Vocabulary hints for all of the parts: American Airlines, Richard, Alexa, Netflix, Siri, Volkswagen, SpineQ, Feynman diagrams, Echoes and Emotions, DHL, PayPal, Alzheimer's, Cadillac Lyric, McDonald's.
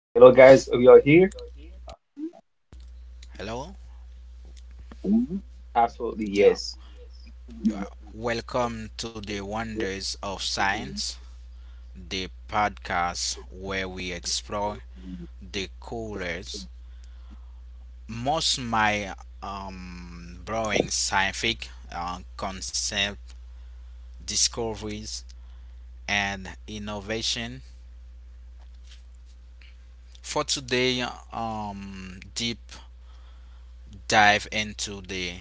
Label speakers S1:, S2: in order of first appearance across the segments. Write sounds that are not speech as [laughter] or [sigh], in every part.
S1: Hello, guys. We are here.
S2: Hello?
S1: Absolutely,
S2: Yeah.
S1: yes.
S2: Welcome to the Wonders of Science, the podcast where we explore the coolest, most my growing scientific concept discoveries and innovation. For today, deep dive into the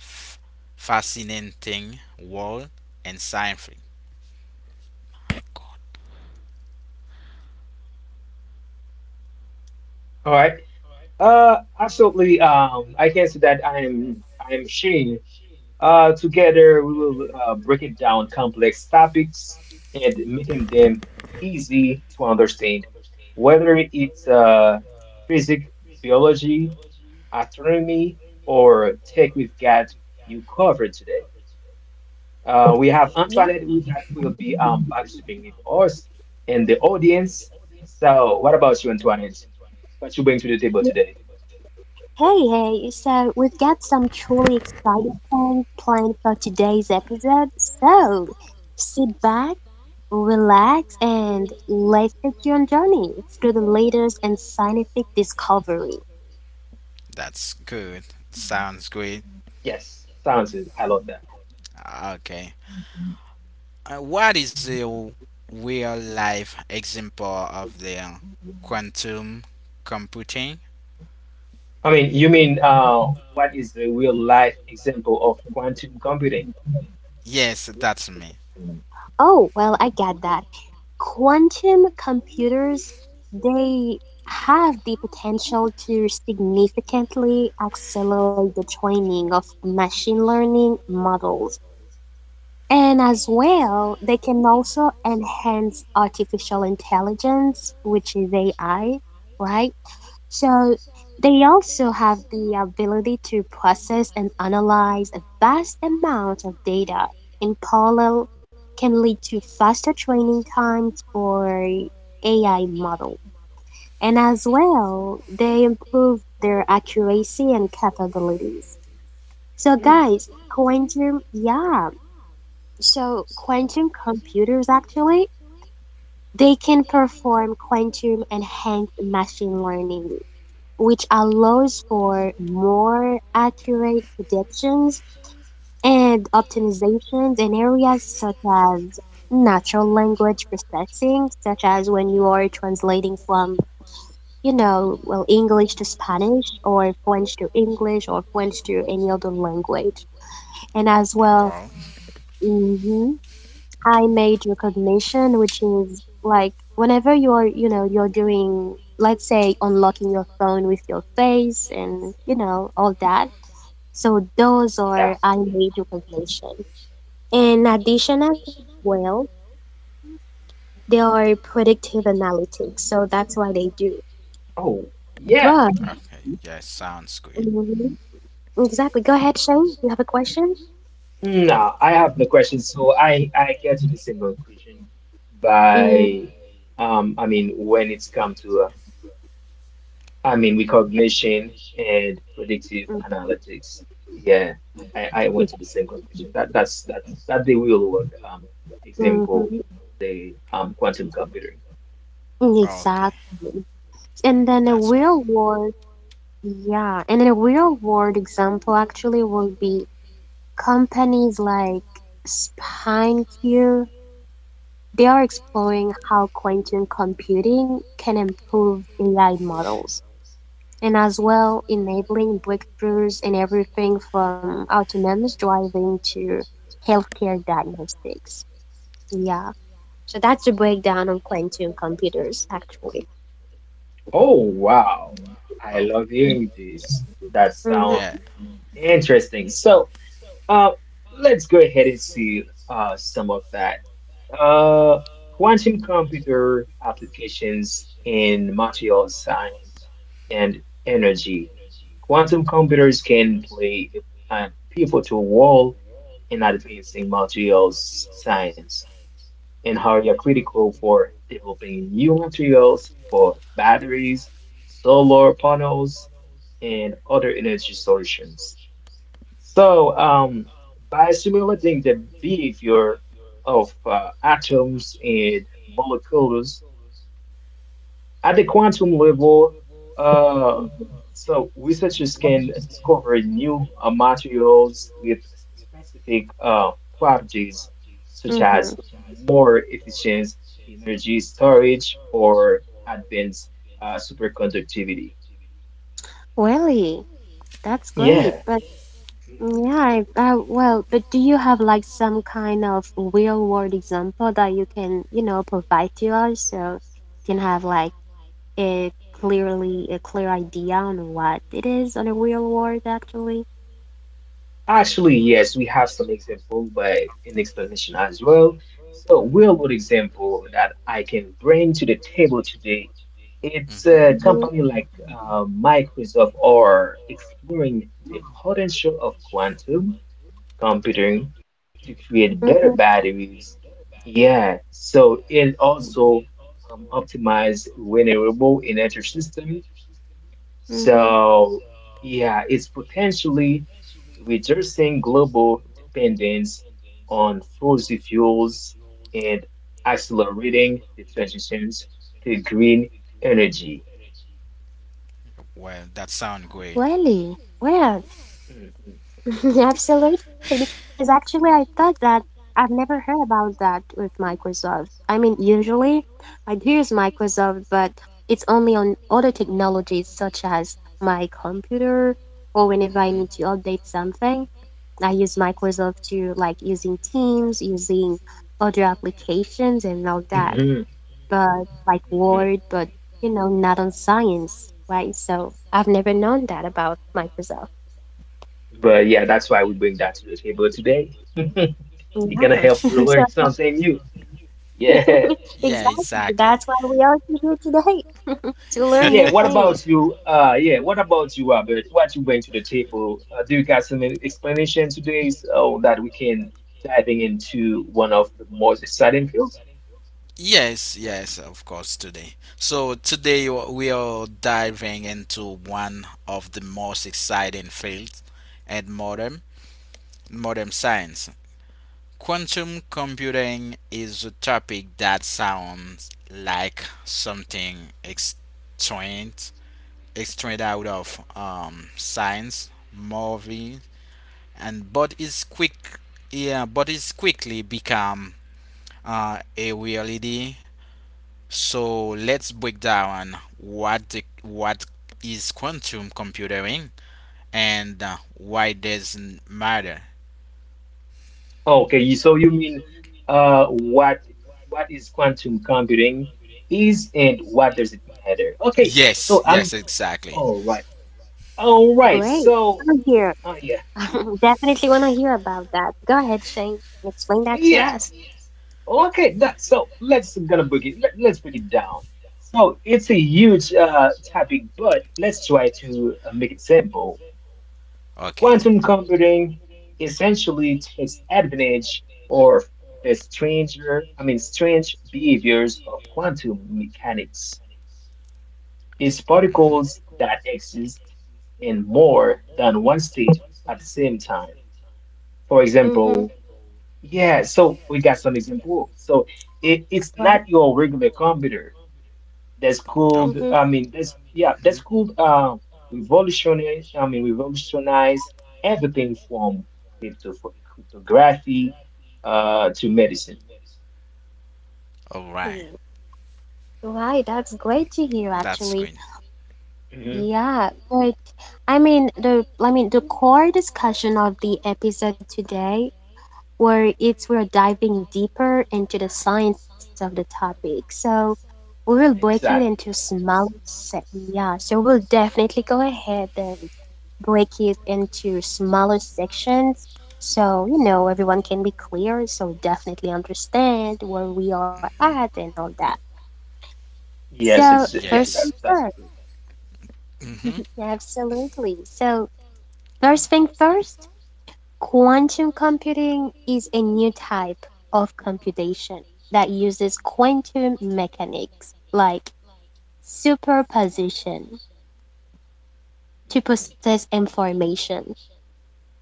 S2: f- fascinating world and science.
S1: All right. Absolutely. I can say that I am Shane. Together we will break it down complex topics and making them easy to understand. Whether it's physics, biology, astronomy, or tech, we've got you covered today. We have
S3: Yeah.
S1: Antoinette who that will be participating with us in the audience. So, what about you, Antoinette? What you bring to the table today?
S3: Hey, hey. So we've got some truly exciting things planned for today's episode. So sit back, relax, and let's take you on journey through the latest and scientific discovery.
S2: That's good. Sounds great.
S1: Yes, sounds good. I love that.
S2: Okay. What is a real life example of the quantum computing?
S1: You mean what is the real life example of quantum computing?
S2: Yes, that's me.
S3: Oh, well, I got that. Quantum computers, they have the potential to significantly accelerate the training of machine learning models. And as well, they can also enhance artificial intelligence, which is AI, right? So they also have the ability to process and analyze a vast amount of data in parallel, can lead to faster training times for AI models. And as well, they improve their accuracy and capabilities. So
S1: Hmm.
S3: guys, Quantum, yeah, so quantum computers actually, they can perform quantum enhanced machine learning, which allows for more accurate predictions and optimizations in areas such as natural language processing, such as when you are translating from, well, English to Spanish or French to English or French to any other language. And as well,
S2: Well,
S3: mhm, I made recognition, which is like whenever you're, you're doing, let's say, unlocking your phone with your face and all that. So those
S1: Yeah.
S3: are I made recognition. In addition, as well, they are predictive analytics. So that's why they do.
S1: Oh,
S3: But
S1: yeah.
S2: okay. Yeah, sounds good.
S3: mhm, exactly, go ahead, Shane. You have a question?
S1: No, I have the question. So I get to the same conclusion
S3: Mm-hmm.
S1: by when it's come to recognition and predictive analytics. Yeah, I went to the same conclusion. That's the real world example
S3: Mm-hmm.
S1: of the quantum computing.
S2: Okay,
S3: Exactly. And then the
S2: that's good.
S3: real world. Yeah, and a real world example actually would be companies like SpineQ. They are exploring how quantum computing can improve AI models and as well enabling breakthroughs in everything from autonomous driving to healthcare diagnostics. Yeah, so that's a breakdown of quantum computers actually.
S1: Oh wow, I
S2: Well,
S1: love hearing this. That sounds
S2: yeah.
S3: Mm-hmm.
S1: interesting. So, uh, let's go ahead and see some of that. Uh, quantum computer applications in materials science and energy. Quantum computers can play a pivotal role in advancing materials science and are critical for developing new materials for batteries, solar panels, and other energy solutions. So, by simulating the behavior of atoms and molecules at the quantum level, uh, so researchers can discover new materials with specific properties, such
S3: Mm-hmm.
S1: as more efficient energy storage or advanced superconductivity.
S3: Really, that's great.
S1: Yeah.
S3: But mm, yeah, I, well, but do you have like some kind of real world example that you can, provide to us so you can have like a clearly a clear idea on what it is on a real world actually?
S1: Actually, yes, we have some example, but an explanation as well. So, real world example that I can bring to the table today, it's
S2: hmm
S1: a
S3: Mm-hmm,
S1: company like Microsoft are exploring the potential of quantum computing to create better
S3: mm-hmm,
S1: batteries. Yeah, so it also optimize renewable energy system
S3: mm-hmm.
S1: so, yeah, it's potentially reducing global dependence on fossil fuels and accelerating the transitions to green energy.
S2: Well,
S3: Really?
S2: that sounds
S3: Where?
S2: great.
S3: [laughs]
S1: Mhm,
S3: Absolutely, because actually I thought that I've never heard about that with Microsoft. I mean, usually I do use Microsoft, but it's only on other technologies such as my computer or whenever I need to update
S2: Hmm
S3: something. I use Microsoft to like using Teams, using other applications and all that,
S1: mhm,
S3: but like
S1: mhm.
S3: Word, but not on science, right? So I've never known that about Microsoft.
S1: But yeah, that's why we bring that to the table today. It's gonna help
S3: Yeah.
S1: you
S3: [laughs]
S1: learn
S3: So,
S1: something new. Yeah.
S3: [laughs]
S2: Yeah,
S3: exactly.
S2: exactly.
S3: That's why we are here today to learn
S1: Yeah,
S3: new
S1: what
S2: [laughs]
S3: things.
S1: about you? Yeah, what about you, Robert? What you bring to the table? Do you got some explanation today so that we can diving into one of the most exciting fields?
S2: Yes, yes, of course, today. So, today we are diving into one of the most exciting fields at modern science. Quantum computing is a topic that sounds like something extreme, extracted out of science movie, and yeah, but is quickly become a reality. So let's break down what is quantum computing and why it doesn't matter.
S1: Okay, so you mean uh, what what is quantum computing is and what does it matter? Okay,
S2: Yes,
S1: so I'm
S2: yes, exactly.
S1: all right. All right,
S3: Great.
S1: so
S3: I'm here.
S1: uh, yeah,
S3: [laughs] Definitely want to hear about that. Go ahead, Shane. Explain that to
S1: yeah.
S3: us.
S1: Okay, that so let's gonna break it. Let's break it down. So it's a huge topic, but let's try to make it simple.
S2: Okay.
S1: Quantum computing essentially takes advantage of the strange behaviors of quantum mechanics. It's
S2: hmm
S1: particles that exist in more than one state at the same time. For
S3: Mm-hmm.
S1: example. Yeah, so we got some example. So it's
S3: Well,
S1: not your regular computer that's
S2: Oh.
S1: called,
S3: mm-hmm.
S1: I mean, that's yeah, that's
S2: Mhm.
S1: called revolutionize everything from crypto cryptography to medicine.
S2: All right.
S3: Welly. Right. That's great to hear,
S2: That's
S3: actually.
S2: good.
S1: Hmm
S3: Yeah. But I mean, the core discussion of the episode today where it's we're diving deeper into the science of the topic. So we will break it into
S1: Exactly.
S3: smaller sections. Yeah, so we'll definitely go ahead and break it into smaller sections. So, everyone can be clear, so definitely understand where we are at and all that.
S1: Yes.
S3: So,
S1: Ex yeah.
S3: first
S1: That
S3: thing
S1: that's
S3: first,
S1: good.
S2: Mm-hmm.
S3: absolutely. So, first thing first, quantum computing is a new type of computation that uses quantum mechanics, like superposition, to
S1: Hmm
S3: process information,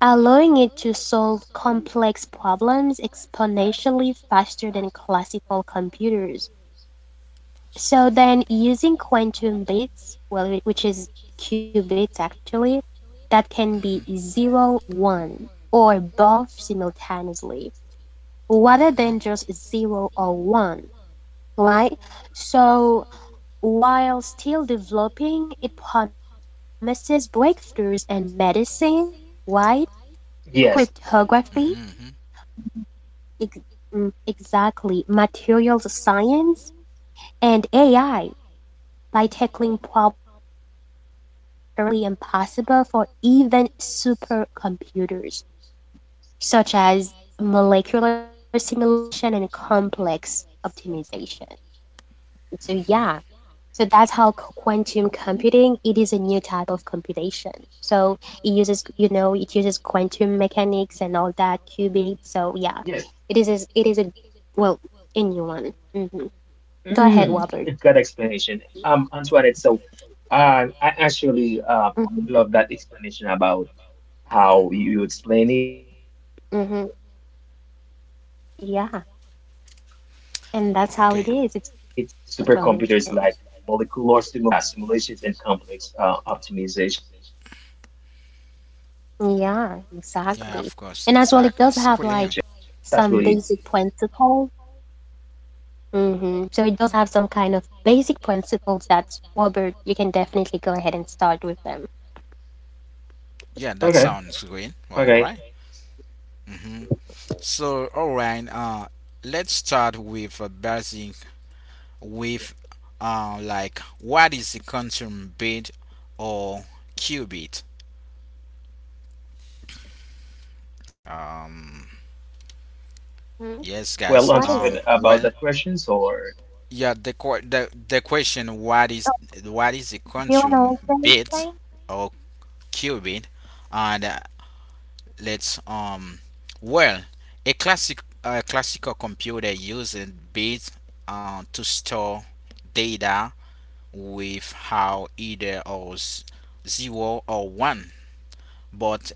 S3: allowing it to solve complex problems exponentially faster than classical computers. So then, using quantum bits, well, which is qubits actually, that can be
S2: That
S3: zero,
S1: Yes.
S3: one, or both simultaneously, rather than just zero or one, right? So
S1: Mhm.
S3: while still developing, it promises breakthroughs in medicine, right?
S1: Yes. Okay.
S3: Cryptography,
S2: equal.
S3: ex- exactly, materials science, and AI by tackling problems currently impossible for even supercomputers, such as molecular simulation and complex optimization. So, yeah.
S2: Mm-hmm.
S3: So that's how quantum computing, it is a new type of computation. So it uses, uses quantum mechanics and all that, qubits. So yeah,
S1: Yes.
S3: it is, it is a, well, a new one. Hmm.
S1: Mm,
S3: Go
S1: [laughs] good
S3: ahead, Robert.
S1: explanation. Antoinette. So. I actually love that
S3: Hmm.
S1: explanation about how
S2: Does.
S1: you
S2: Mm-hmm.
S1: explain it. So,
S3: Hmm.
S1: because we think that
S3: Yeah.
S1: um,
S3: And that's how it
S1: supercomputers
S3: is.
S1: like
S3: It's very simple to
S1: molecular
S3: understand.
S1: similar, yeah, simulations and complex optimizations. Yes, that's really, um,
S3: Yeah,
S1: yeah,
S3: exactly.
S1: that's
S3: And
S1: really
S3: as well, it
S2: Yeah, of
S3: does have
S2: course.
S3: like
S2: Sounds Quillian.
S3: some basic principle. Hmm. So it does have some kind of basic principles that Warburg, you can definitely go ahead and start with them.
S1: okay. Okay.
S2: Yeah, that sounds great.
S1: So,
S2: Well, all right. Mm-hmm. So, all right. Let's start with a basic, with like what is the quantum bit or qubit? Um,
S1: well, Antoinette, would you like to
S3: Hmm.
S1: answer
S2: yes,
S1: about that
S3: What
S2: guys.
S3: is it?
S1: questions or?
S2: Well, yeah. The qu- the question, what is the
S3: Do you
S2: quantum
S3: want to say
S2: bit
S3: something?
S2: or qubit? And let's, well, a classical computer uses bits to store data with how either or zero or one, but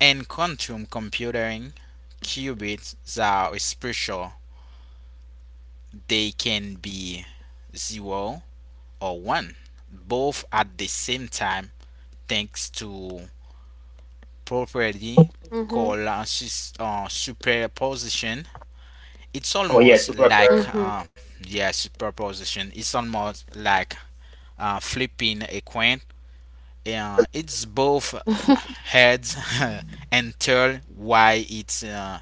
S2: in quantum computing, qubits are special. They can be 0 or 1, both at the same time thanks to property
S3: Mhm.
S2: called superposition. It's almost
S1: Oh, yeah,
S2: like
S1: super presence.
S3: Mhm.
S1: Okay.
S2: yeah, superposition. It's almost like flipping a coin. It's both
S3: [laughs]
S2: heads [laughs] and tail. Why it's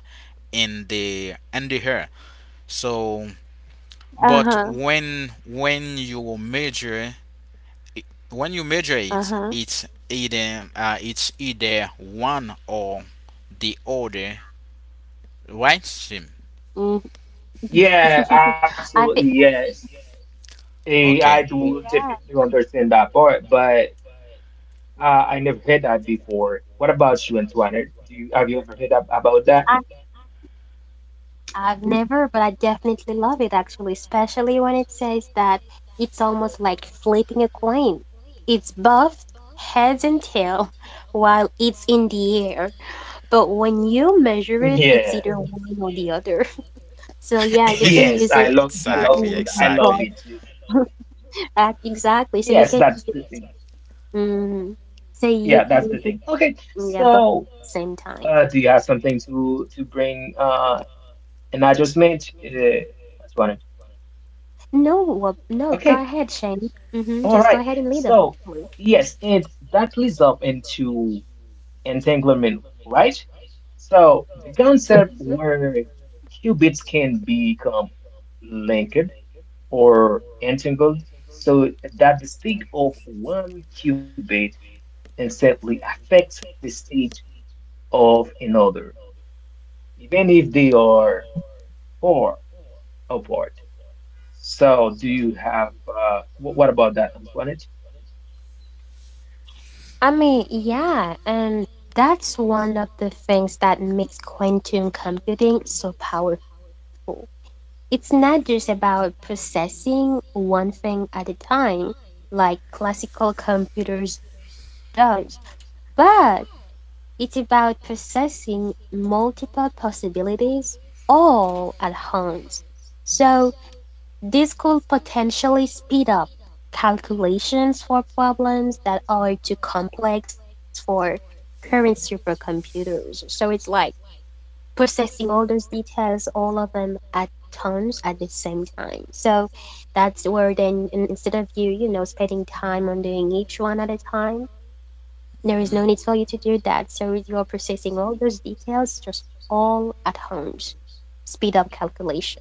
S2: in the air. So but
S3: Uh-huh.
S2: when you measure it- it,
S3: Uh-huh.
S2: it's either one or the other, right, Sim?
S3: Mm.
S1: Yeah,
S3: [laughs]
S1: absolutely.
S3: I think
S1: Yes. Eh,
S2: Okay.
S1: I do
S3: yeah,
S1: definitely understand that part, but uh, I never heard that before. What about you, Antoinette? Do you have you ever heard about
S3: I
S1: that?
S3: I've never, but I definitely love it actually, especially when it says that it's almost like flipping a coin. It's buffed heads and tail [laughs] while it's in the air. But when you measure it,
S1: Yeah. [laughs]
S3: it's either mhm or the other. [laughs] So yeah, you can
S2: [laughs]
S3: use
S1: Yes,
S3: it
S2: Yeah, exactly,
S3: more
S1: I love
S2: exactly.
S3: above.
S1: it. Yes,
S3: Exactly. So you
S1: yes,
S3: can
S1: that's
S3: use
S1: the
S3: it.
S1: thing.
S3: Mm, so
S1: Yeah,
S3: you
S1: that's
S3: can
S1: the
S3: use
S1: thing.
S3: it,
S1: Okay.
S3: yeah, both at the
S1: So,
S3: same time.
S1: do you have something to bring an adjustment? That's one.
S3: No, no. Go ahead,
S1: Okay.
S3: Shane.
S1: All
S3: Mm-hmm.
S1: right.
S3: Just go ahead and lead us.
S1: So, yes, and that leads up into entanglement, right? So the concept
S3: Mm-hmm.
S1: where qubits can become linked or entangled so that the state of one qubit instantly affects the state of another, even if they are far apart. So do you have what about that, Antoinette?
S3: I mean, yeah, and that's one of the things that makes quantum computing so powerful. It's not just about processing one thing at a time, like classical computers does, but it's about processing multiple possibilities all at once. So, this could potentially speed up calculations for problems that are too complex for current supercomputers. So, it's like processing all those details, all of them at times at the same time. So
S1: Oh,
S3: that's where then instead of you, spending time on doing each one at a time, there is
S2: Hmm?
S3: no need for you to do that. So you're processing all those details just all at once. Speed up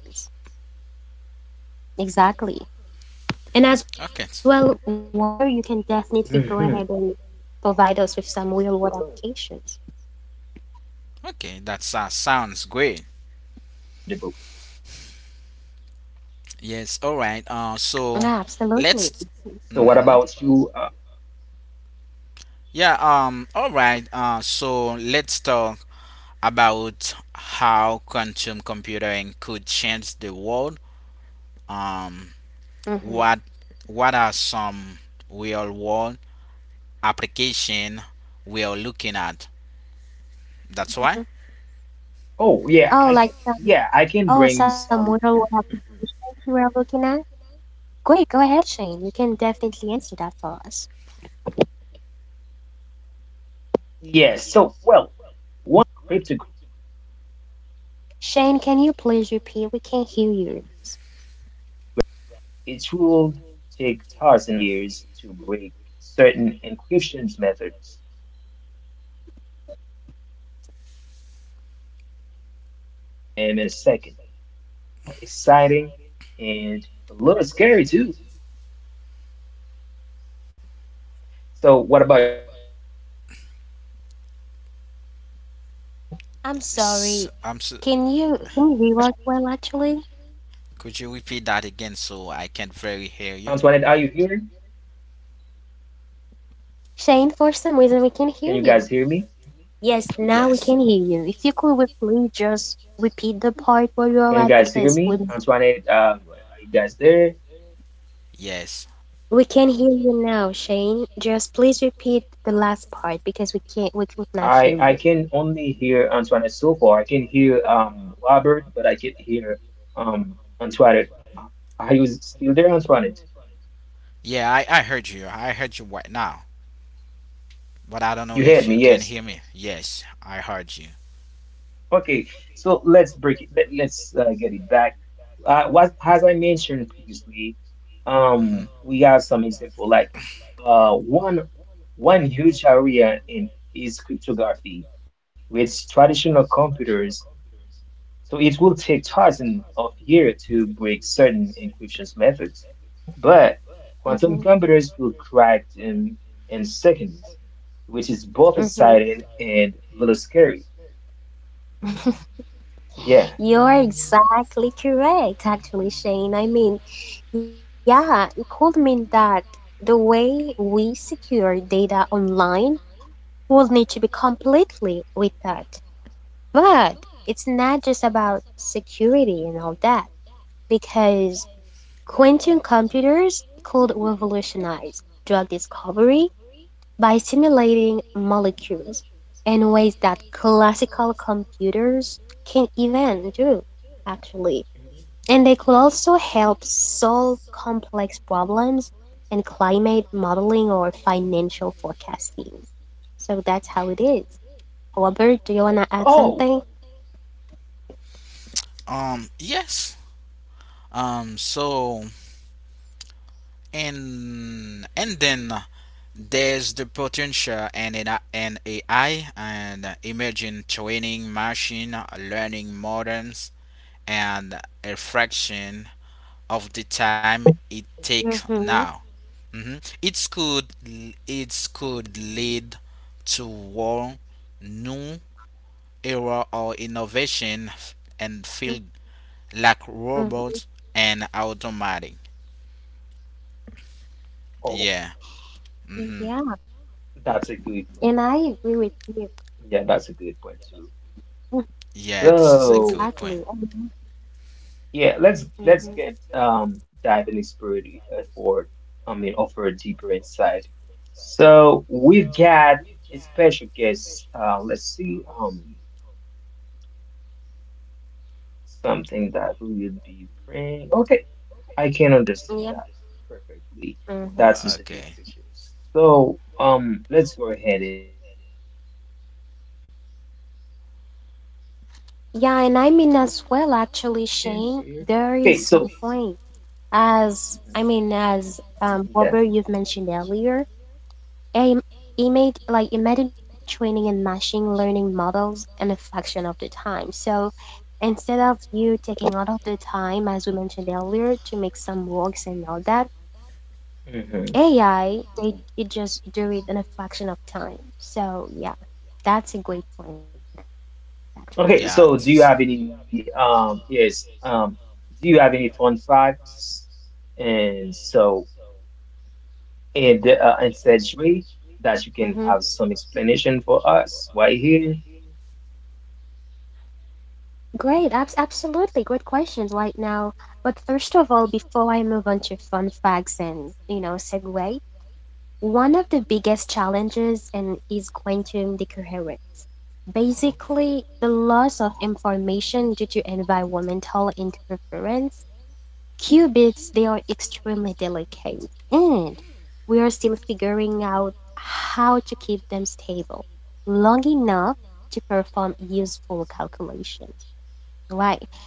S1: oh, oh, right.
S3: Exactly. And
S1: Mm-hmm.
S3: as
S2: Okay.
S3: well, Wobber, you can definitely go ahead and provide us with some real world applications.
S1: Exactly.
S2: Okay that
S1: Understandable.
S2: sounds great. Yes, all right, so
S1: So what
S3: Yeah,
S1: about
S2: let's,
S1: you,
S3: absolutely.
S2: mhm. Yeah, all right. So let's talk about how quantum computing could change the world. Um,
S3: Mm-hmm.
S2: what
S3: Mm-hmm.
S2: what are some real world application we are looking at? That's why.
S3: Oh, like some oh
S1: I
S3: some
S1: can
S3: real-world
S1: bring some.
S3: applications you are
S1: Hmm
S3: looking at? Great, go ahead, Shane. You can definitely answer that for us.
S1: Yes, so, well, one huge area is cryptography.
S3: Shane,
S1: With
S3: can you please
S1: traditional
S3: repeat? We can't hear
S1: computers,
S3: you.
S1: it will take thousands of years to break certain encryption methods. But quantum computers could crack them in a second, which is
S3: Hello?
S1: both exciting and a little scary too. So, what about you, Antoinette? Do you understand that part?
S3: I'm sorry.
S2: S- I'm so,
S3: Can you hear us well actually?
S2: could you repeat that again so I can very hear you?
S1: Antoinette, are you here?
S3: Shane, for some reason we can hear you.
S1: Can you guys
S3: Yes,
S1: hear me?
S3: now we
S2: Yes.
S3: can hear you. If you could we please just repeat the part where you are at because
S1: Can you guys hear me? Antoinette,
S2: Yes.
S3: we can hear you now, Shane. Just please repeat the last part because we can't we could
S1: I
S3: not hear
S1: can
S3: you.
S1: only hear Antoinette so far. I can hear Robert, but I can't hear um Antoinette. Are you still there, Antoinette?
S2: Yeah, I heard you. I heard you right now, but I don't know
S1: You
S2: if
S1: heard
S2: you
S1: me,
S2: can hear
S1: yes.
S2: me. Yes, I heard you.
S1: Okay, so let's break it. Let's get it back. What as I mentioned previously,
S2: Hmm
S1: we have some example like one one huge area in is cryptography with traditional computers, so it will take thousands of years to break certain encryption methods. But
S3: Hmm.
S1: quantum computers could crack them in seconds, which is both
S3: Mm-hmm.
S1: exciting and a little scary. Yeah.
S3: You're exactly correct, actually, Shane. I mean, yeah, it could mean that the way we secure data online will need to be completely with that. But it's not just about security and all that, because quantum computers could revolutionize drug discovery by simulating molecules in ways that classical computers can even do, actually. And they
S1: Mhm.
S3: could also help solve complex problems in climate modeling or financial forecasting. So that's how it
S1: Oh,
S3: is. Robert, do
S1: oh,
S3: you want to
S1: wow.
S3: add something?
S2: Yes. So, and then there's the potential and an AI and emerging training machine learning models and a fraction of the time it takes
S3: Mm-hmm.
S2: now. Hmm It's could it could lead to whole new era of innovation and field like
S3: Mm-hmm.
S2: robots and automatic.
S1: Oh,
S2: Yeah.
S3: Yeah,
S2: Mm-hmm.
S1: that's a good
S3: and
S1: point.
S3: I agree with you.
S1: Yeah, that's a good point too.
S2: Yeah, this
S3: Mhm.
S2: is a
S1: So,
S2: good point.
S3: Exactly.
S1: yeah, let's
S3: Mm-hmm.
S1: get dive in the spirit for I mean offer a deeper insight. So we've got a special guest. Let's see something that we will be praying. Okay, I can understand that
S3: Yeah.
S1: perfectly. That's
S3: Mm-hmm.
S1: just the new
S2: Okay.
S1: future. So let's go ahead and uh, understand that part very clear.
S3: Yeah, and I
S1: Okay,
S3: mean
S1: so
S3: as well, actually, Shane, there is some
S1: Mhm,
S3: point as
S1: yeah.
S3: Robert, you've mentioned earlier, he made like he made training and machine learning models an affection of the time. So instead of you taking all of the time, as we mentioned earlier, to make some works and all that,
S1: hmm
S3: AI they it just do it in a fraction of time. So yeah, that's a great point actually.
S1: Okay,
S2: Yeah,
S1: so
S2: this
S1: do you
S2: is.
S1: have any do you have any fun facts and so and in such way
S3: Mm-hmm.
S1: that you can have some explanation for us right here?
S3: Great, absolutely great questions right now. But first of all, before I move on to fun facts and segue, one of the biggest challenges in is quantum decoherence,
S1: Oh,
S3: basically the loss of information due to environmental interference. Qubits, they are extremely delicate, and we are still figuring out how to keep them stable long enough to perform useful calculations.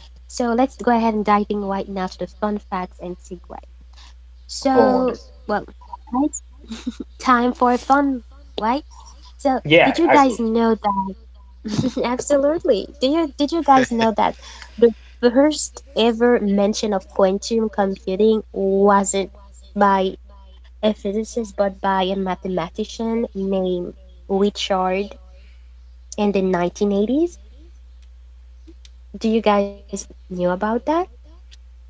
S3: So let's go ahead and diving right now to the fun facts and segue.
S1: oh,
S3: So,
S1: understand.
S3: well, I time for fun, right? So, did
S1: Yeah,
S3: you guys
S1: absolutely.
S3: know that? [laughs] Absolutely. Do you did you guys know
S2: [laughs]
S3: that the first ever mention of quantum computing wasn't by a physicist but by a mathematician named Richard in the 1980s? Do you guys knew about that?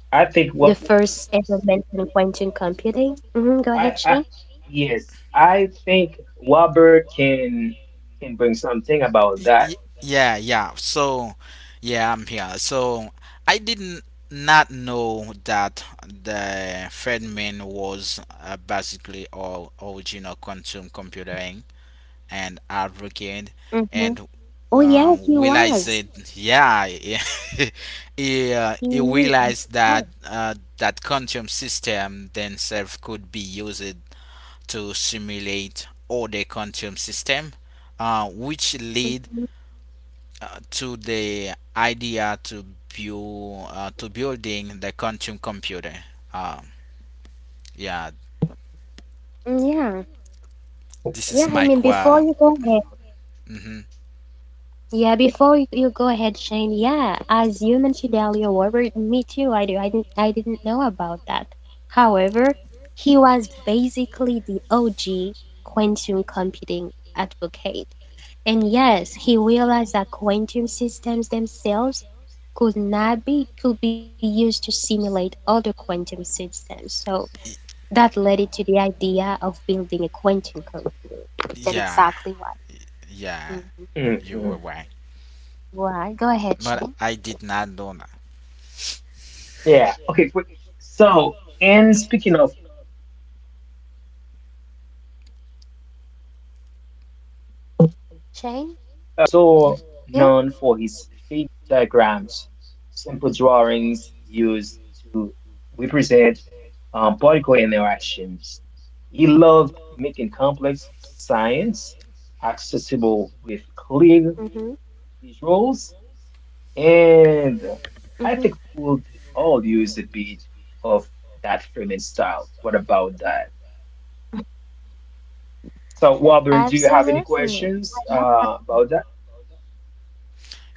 S1: I think
S3: The
S1: what
S3: first ever mention of quantum computing? Hmm, go ahead, Shane.
S1: I yes, I think Robert can bring something about
S2: Y-
S1: that.
S2: Yeah, yeah So, yeah, I'm here. So, I didn't not know that the Fredman was basically all original quantum computing, and advocate
S3: Hmm.
S2: and
S3: Oh yeah, he
S2: realize
S3: was.
S2: it. Yeah. [laughs] he, uh,
S3: He
S2: he
S3: is. He
S2: realized
S3: was.
S2: that that quantum system themselves could be used to simulate other quantum system, which lead
S3: Mhm.
S2: to the idea to building the quantum computer, uh, yeah.
S1: Okay.
S3: Yeah,
S2: this is
S3: yeah. I
S2: my
S3: mean, before
S2: qua,
S3: you
S2: qua-
S3: go ahead,
S2: Mhm.
S3: yeah, before you you go ahead, Shane. Yeah, as you mentioned earlier, Robert. Me too. I do. I didn't. I didn't know about that. However, he was basically the OG quantum computing advocate, and yes, he realized that quantum systems themselves could not be could be used to simulate other quantum systems. So
S2: Y-
S3: that led it to the idea of building a quantum computer. That's
S2: Yeah,
S3: exactly why.
S2: yeah,
S1: Okay.
S2: you were
S1: hmm
S2: right.
S3: Right, go ahead,
S2: But
S3: Shane.
S2: I did not know that.
S1: Yeah. Okay. Quick. So, and speaking of theming fun fact. He was also known for
S3: Shane,
S1: his
S3: you
S1: Feynman
S3: here?
S1: diagrams, simple drawings used to represent particle interactions. He loved making complex science accessible with
S3: Mm-hmm.
S1: clear visuals, and
S3: Mm-hmm.
S1: I think we'll all use a bit of that framing style. What about that? So, Walter, do you have any
S3: Absolutely.
S1: questions
S3: That-
S1: about that?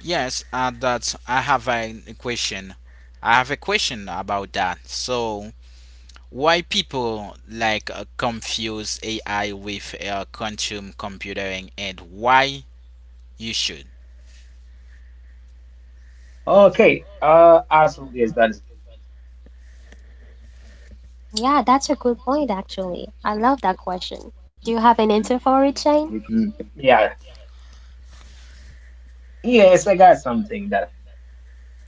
S2: Yes, that's. I have a question. I have a question about that. So, why people like confuse AI with quantum computing, and why you should?
S1: Okay, absolutely, yes, that is a great question. So I'm gonna answer
S3: Yeah, that's a good point, actually. I love that question.
S1: that.
S3: Do you have an answer for it,
S1: Hmm
S3: Shane?
S1: Yeah, yeah, [laughs] yes, I got something that
S3: Yeah,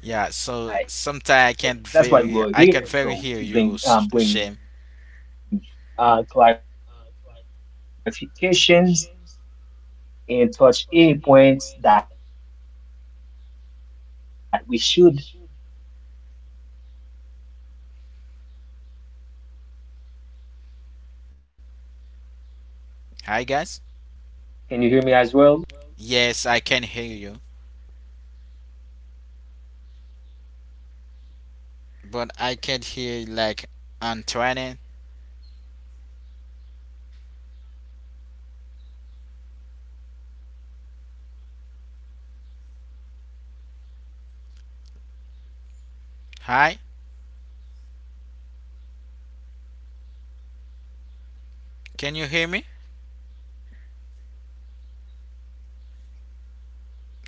S2: Yeah. So sometimes I can't
S1: that's why
S2: very,
S1: we're
S2: I can
S1: here.
S2: very
S1: So
S2: hear
S1: to
S2: you,
S1: bring,
S2: Shane.
S1: clarifications and touch any points that we should.
S3: we can barely as well.
S1: You cannot hear me. Can you hear me as well? Is there anyone who can hear me now?
S2: Hi, guys.
S1: You can hear me,
S3: Can you hear
S1: on
S3: me?
S2: Yes,
S1: front
S2: I
S1: it.
S2: can hear you,
S1: Can you?
S2: but I can't hear
S3: Shane, I'm
S2: like
S1: Okay,
S3: sorry,
S1: so let's
S2: Antoine.
S1: go. Most people think AI and quantum computing are essentially the same thing, which is futuristic technology
S3: but
S1: that's
S2: Hi,
S3: guys, I'm
S1: hyper
S3: here.
S1: in
S3: I
S1: headlines
S3: can
S1: and
S3: hear. I
S1: driving
S3: cannot hear Shane.
S1: significant
S2: can you hear me?
S1: stock market gains. It's certainly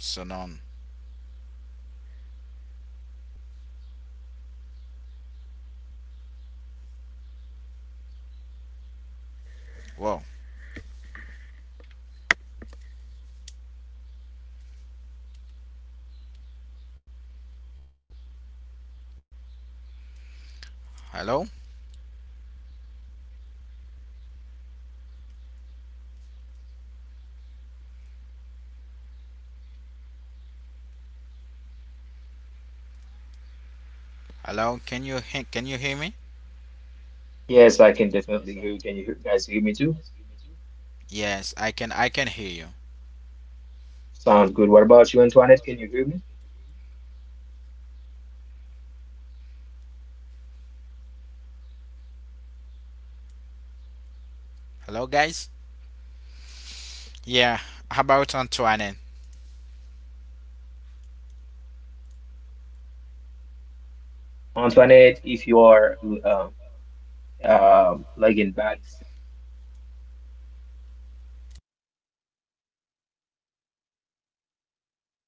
S2: So
S1: the
S2: none.
S3: Can you
S1: last
S3: hear
S1: part,
S3: me? Actually,
S1: but
S3: I
S1: you'd be
S3: mean Robert.
S1: wrong to confuse
S3: Can you
S1: these
S3: hear me?
S1: technologies otherwise. So,
S2: Whoa.
S1: AI
S3: Hello,
S1: is a software compatibility. Okay, so.
S3: guys. Hello,
S2: Hello?
S3: hello. Guys, I definitely don't want to miss that part, but I can't hear anything.
S2: Hello? Can you
S3: I'm still
S2: can
S3: with
S2: you
S3: you,
S2: hear
S3: but I
S2: me?
S3: can't hear you.
S1: Yes, I can definitely hear you. Can you guys hear me too?
S2: Yes, I can, I can hear you.
S1: Sounds good. What
S3: Yeah,
S1: about you, Antoinette? Can you hear me?
S3: I cannot hear Shane. I cannot hear.
S2: Hello, guys?
S3: Guys,
S2: Yeah,
S3: what's
S2: how
S3: wrong?
S2: about
S3: I can't
S2: Antoine?
S3: hear. Hello? [clears throat]
S1: Antoinette, if you are cannot hear, you
S3: Hello?
S1: have to log in back since we cannot hear Antoinette in here in the field.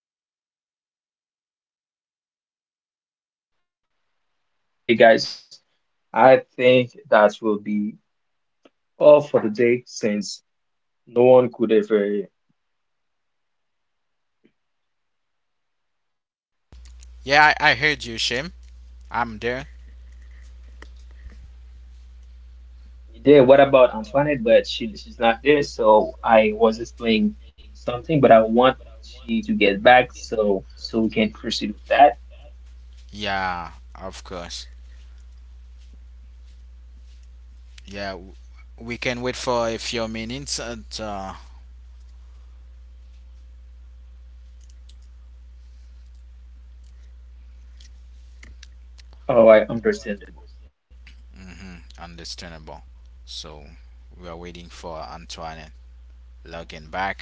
S3: I don't know what's wrong, but
S1: Okay,
S3: just hold
S1: so
S3: on.
S1: okay, guys, I think that will be all for the day since no one could ever.
S2: Yeah, I heard you, Shim. I'm there.
S1: Yeah, what about Antoinette? But she she's not there, so I was explaining something, but I want she to get back so so we can proceed with that.
S2: Yeah, of course. Yeah, we can wait for a few minutes. And,
S1: Oh, I understandable.
S2: mhm, understandable. So we are waiting for Antoine logging back.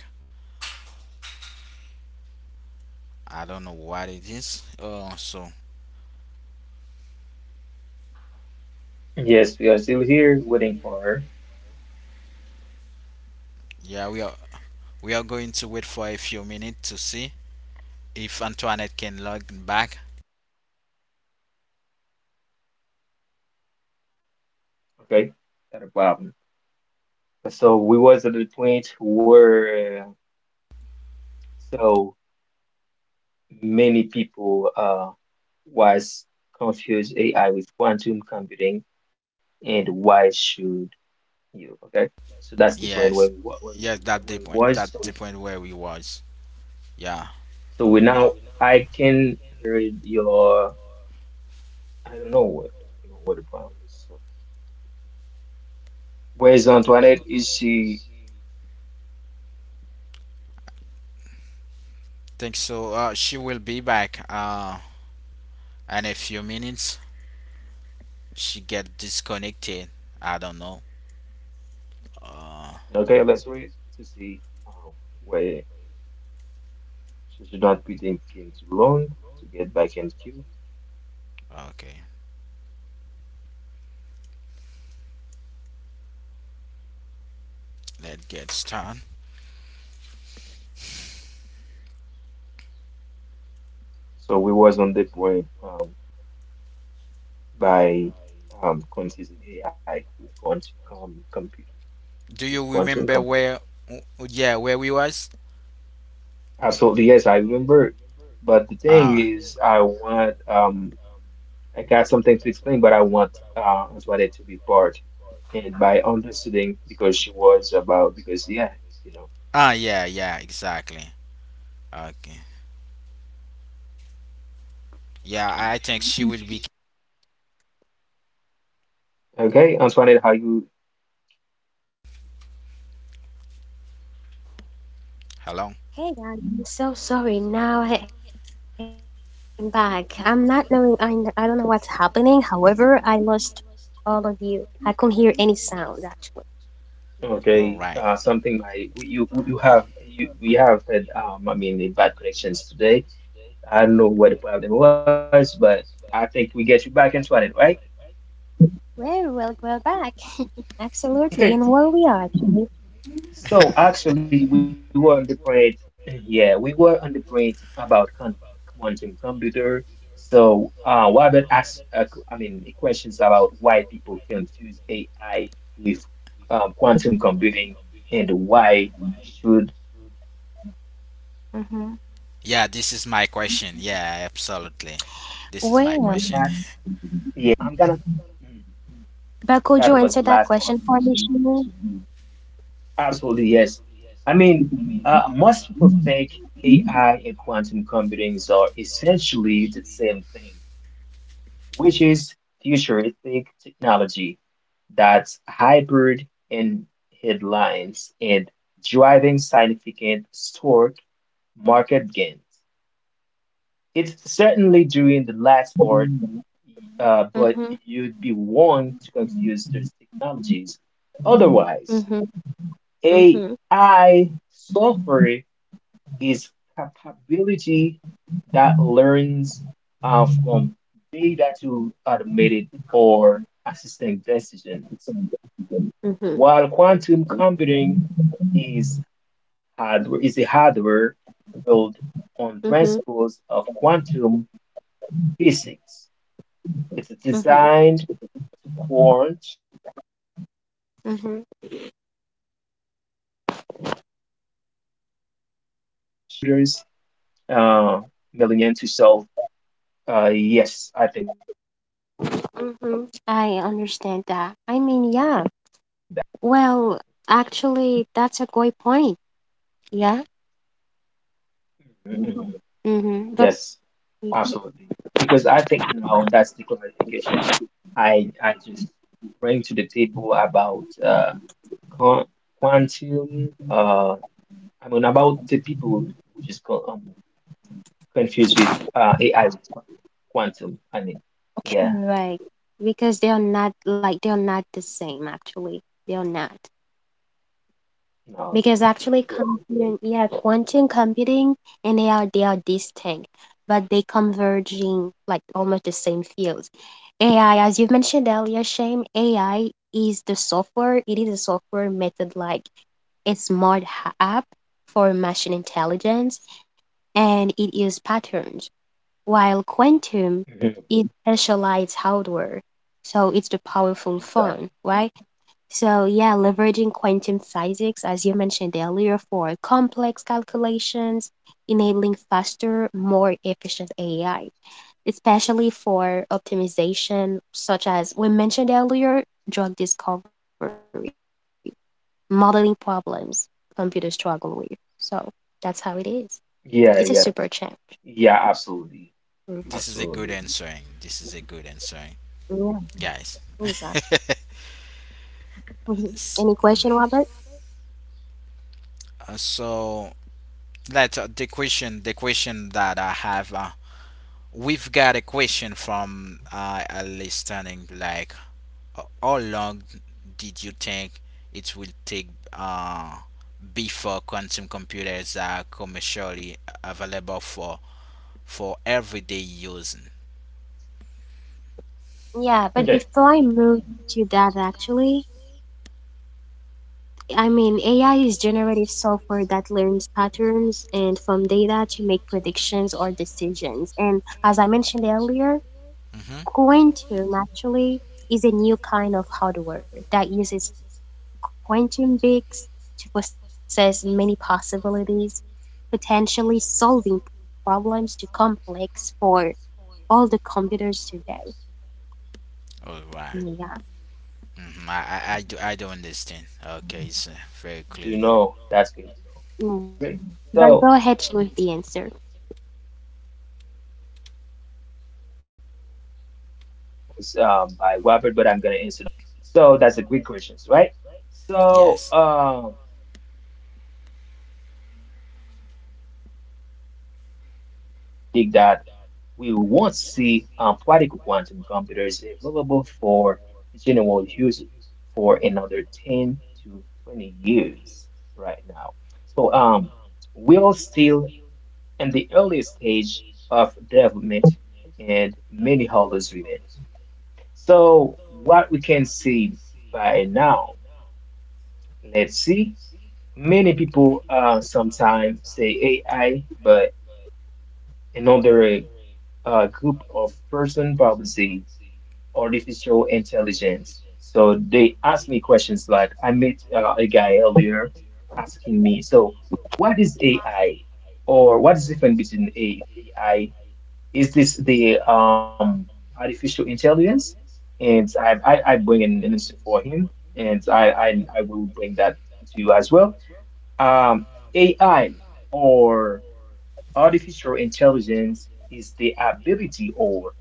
S2: I don't know what it is. Oh, so
S1: Yes, we are still here waiting for her.
S2: yeah, we are, we are going to wait for a few minutes to see if Antoinette can log back.
S1: Okay, not a problem. So we was at the point where so many people was confused AI with quantum computing and why should you. Okay, so that's the point where
S2: Yes,
S1: we wa- where
S2: yes,
S1: we
S2: that the
S1: where it
S2: point.
S1: was.
S2: That
S1: So
S2: the point where we was. Yeah,
S1: so we now I can read your I don't know what the problem is. So where's Antoinette? Is she
S2: think so. She will be back, in a few minutes. She get disconnected. I don't know. Uh,
S1: okay? Let's read to see uh, where she should not be thinking too long to get back in queue.
S2: okay. Let's get started.
S1: So we was on the point by confusing AI with
S2: Do you
S1: quantum
S2: remember
S1: computer.
S2: where? Yeah, where we was?
S1: Absolutely, yes, I remember. But the thing
S2: Ah,
S1: is, I got something to explain, but I want Antoinette to be part. And by understanding, because she was about because yeah, you know.
S2: ah, yeah, yeah, exactly. Okay. Yeah, I think she will be.
S1: Okay, Antoinette, how you
S2: Hello?
S3: Hey guys, I'm so sorry. Now I am back. I'm not knowing. I don't know what's happening. However, I lost all of you. I couldn't hear any sound actually.
S2: All
S1: okay,
S2: right.
S1: something my we you you have you we have had the bad connections today. I don't know what the problem was, but I think we get you back, Antoinette, right?
S3: Well, well, well, back. Absolutely. And
S1: Okay.
S3: where we are actually.
S2: [laughs]
S1: So actually, we were on the bread. Yeah, we were on the bread about con quantum computer. So, Robert asked, the questions about why people confuse AI with quantum computing and why should you?
S3: Mm-hmm.
S2: Yeah, this is
S1: So
S2: my
S1: about
S2: question.
S1: that,
S2: Yeah, absolutely. This
S1: yeah.
S2: is my
S3: Well,
S1: So
S2: question.
S1: I'm gonna. mm,
S3: but
S1: so
S3: could you
S1: that was
S3: answer
S1: the
S3: that
S1: last of
S3: question for
S1: you.
S3: me, Shimon?
S1: Absolutely, yes. I mean, most people think AI and quantum computing are essentially the same thing, which is futuristic technology that's hybrid in headlines and driving significant stock market gains. It's certainly doing the last part, but
S3: Mm-hmm.
S1: you'd be wrong to confuse those technologies. Otherwise,
S3: Mm-hmm. Mm-hmm.
S1: AI software is capability that learns from data to automated or assistant decisions.
S3: Mm-hmm.
S1: While quantum computing is is a hardware built on
S3: Mm-hmm.
S1: principles of quantum physics. It's
S3: Mm-hmm.
S1: designed to quench
S3: Mm-hmm.
S1: calculations that will take traditional computers uh, millennia to solve. Yes, I think that. Absolutely.
S3: Mm-hmm. I understand that. I mean, yeah. Well, actually, that's a great point. Yeah.
S1: Mhm, mhm. Yes, absolutely.
S3: Mm-hmm. But
S1: Because I think now that's the clarification I just bring to the table about quan- quantum I mean about the people which is confused with AI with quantum. I mean, yeah,
S3: correct. Because they are not the same actually. They are not.
S1: no, they.
S3: Because actually computing, yeah, quantum computing, and they are distinct, but they converging like almost the same fields. AI, as you've mentioned earlier, Shame, AI is the software, it is a software method like a app for machine intelligence and it is patterns. While
S1: Mhm.
S3: Quantum it specialized hardware, so it's the powerful
S1: Exactly.
S3: phone, right? So yeah, leveraging quantum physics, as you mentioned earlier, for complex calculations, enabling faster, more efficient AI, especially for optimization, such as we mentioned earlier, drug discovery, modeling problems computers struggle with. So that's how it is. It's a super
S1: Yeah,
S3: challenge.
S1: yes. Yeah, absolutely.
S3: Mhm.
S2: [laughs] This is a good
S1: Absolutely.
S2: answering. This is a good answering,
S3: Yeah,
S2: guys.
S3: exactly. Mhm.
S2: S-
S3: Any question, Robert?
S2: so let's, the question. The question that I have. We've got a question from a listening. Like, how long did you think it will take before quantum computers are commercially available for everyday using.
S3: Yeah, but
S1: Okay.
S3: before I move to that, actually, I mean, AI is generative software that learns patterns and from data to make predictions or decisions. And as I mentioned earlier,
S2: Mm-hmm.
S3: quantum actually is a new kind of hardware that uses quantum bits to process many possibilities, potentially solving problems too complex for all the computers today.
S2: All right.
S3: Yeah.
S1: Mm,
S2: Mm-hmm. I do
S1: that's good
S2: understand.
S1: to know.
S2: Okay, it's
S1: That's good to
S2: very
S1: know.
S2: clearly.
S3: Mm.
S1: Great.
S3: But go ahead,
S1: So
S3: Shane, with the
S1: let's go
S3: answer.
S1: to answer the questions. So that's the quick questions by Robert, but I'm gonna answer that questions. So that's the quick questions, right? So
S2: Yes.
S1: it's hard to say, but most experts predict that we won't see practical quantum computers available for general use for another 10 to 20 years right now. So we'll still in the early stage of development and many hurdles remain. So what by now, let's see, many people sometimes say AI, but another group of person probably say artificial intelligence. So they ask me questions like I met a guy earlier asking me, so what is AI? Or what is the difference between AI? Is this the artificial intelligence? And I bring in an answer for him, and I will bring that to you as well. Um, AI or artificial intelligence is the ability or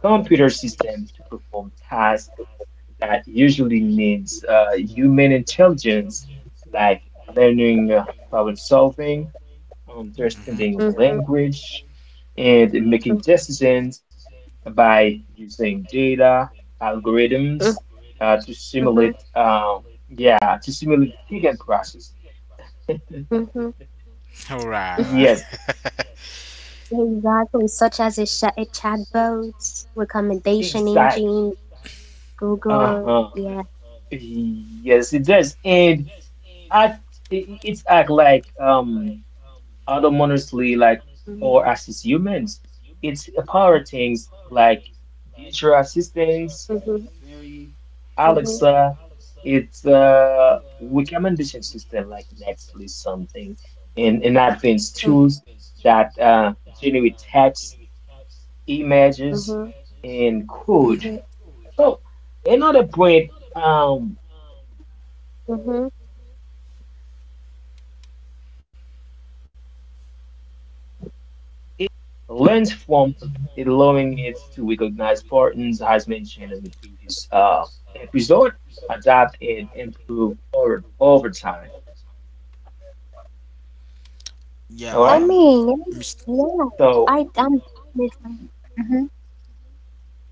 S1: computer system to perform tasks that usually needs human intelligence, like learning, problem solving,
S2: Mm-hmm.
S1: understanding
S3: Mhm,
S1: language, and
S3: mm,
S1: making decisions by using data
S3: mm,
S1: algorithms to
S3: mhm,
S1: simulate yeah to simulate thinking process.
S3: mhm.
S2: All right. All right.
S1: Yes,
S2: [laughs]
S3: Exactly, such as a chatbots, recommendation
S1: exactly.
S3: engine, Google.
S1: Uh-huh.
S3: Yeah.
S1: Yes, it does, and act it's act like autonomously,
S3: Mhm,
S1: like or assist humans. It's a power things like digital
S3: mhm,
S1: assistants, Siri,
S3: mhm,
S1: Alexa. It's a recommendation system like Netflix something, and
S3: mhm,
S1: advanced tools that generate text, images,
S3: mhm,
S1: and
S2: Mm-hmm.
S1: code.
S3: mhm,
S1: So another point, AI
S3: mhm.
S1: or artificial intelligence learns from a vast amount of data, allowing it to recognize patterns as mentioned in the previous episode, adapt and improve over time.
S2: Yeah.
S1: All
S3: I
S1: right.
S2: Um.
S3: mean,
S2: Mis-
S3: yeah,
S1: So,
S3: I am definitely. Hmm.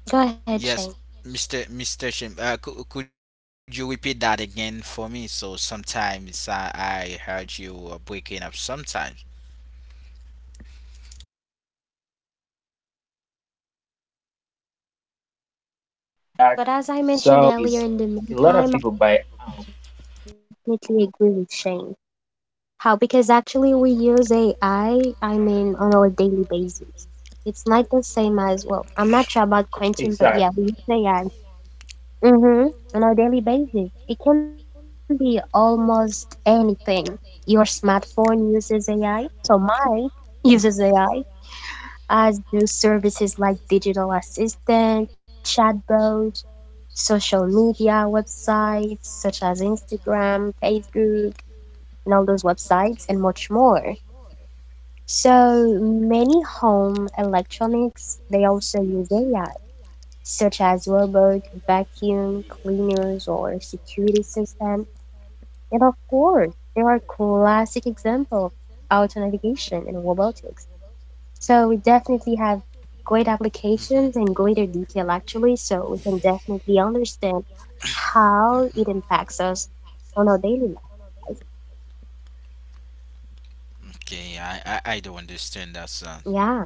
S3: Go ahead,
S2: yes.
S3: Shane.
S2: Mr. Shim, could you repeat that again for me? So sometimes I heard you were breaking up sometimes.
S1: okay, so I'm gonna repeat back. So what I
S3: But as I
S1: say
S3: mentioned
S1: earlier
S3: earlier, in the
S1: is a lot of
S3: meantime, I
S1: people buy,
S3: definitely agree with Shane. How? Because actually we use AI, I mean, on a daily basis. It's not the
S1: exactly.
S3: same as, well, I'm not sure about Quentin, but yeah, we use AI. Mm-hmm. On a daily basis. It can be almost anything. Your smartphone uses AI, so mine uses AI, as do services like digital assistant, chatbot, social media websites such as Instagram, Facebook, and all those websites, and much more. So many home electronics, they also use AI, such as
S1: Yeah.
S3: robot, vacuum cleaners, or security system. And of course, there are classic example of auto navigation and robotics.
S1: Okay.
S3: We definitely have great
S2: Mm-hmm.
S3: applications and greater detail actually, so we can definitely understand how
S2: Mm-hmm.
S3: it impacts us on our
S1: Yes,
S3: daily
S1: that
S3: life.
S1: actually is. So,
S2: Okay, yeah, I don't understand that
S3: Yeah.
S2: sound.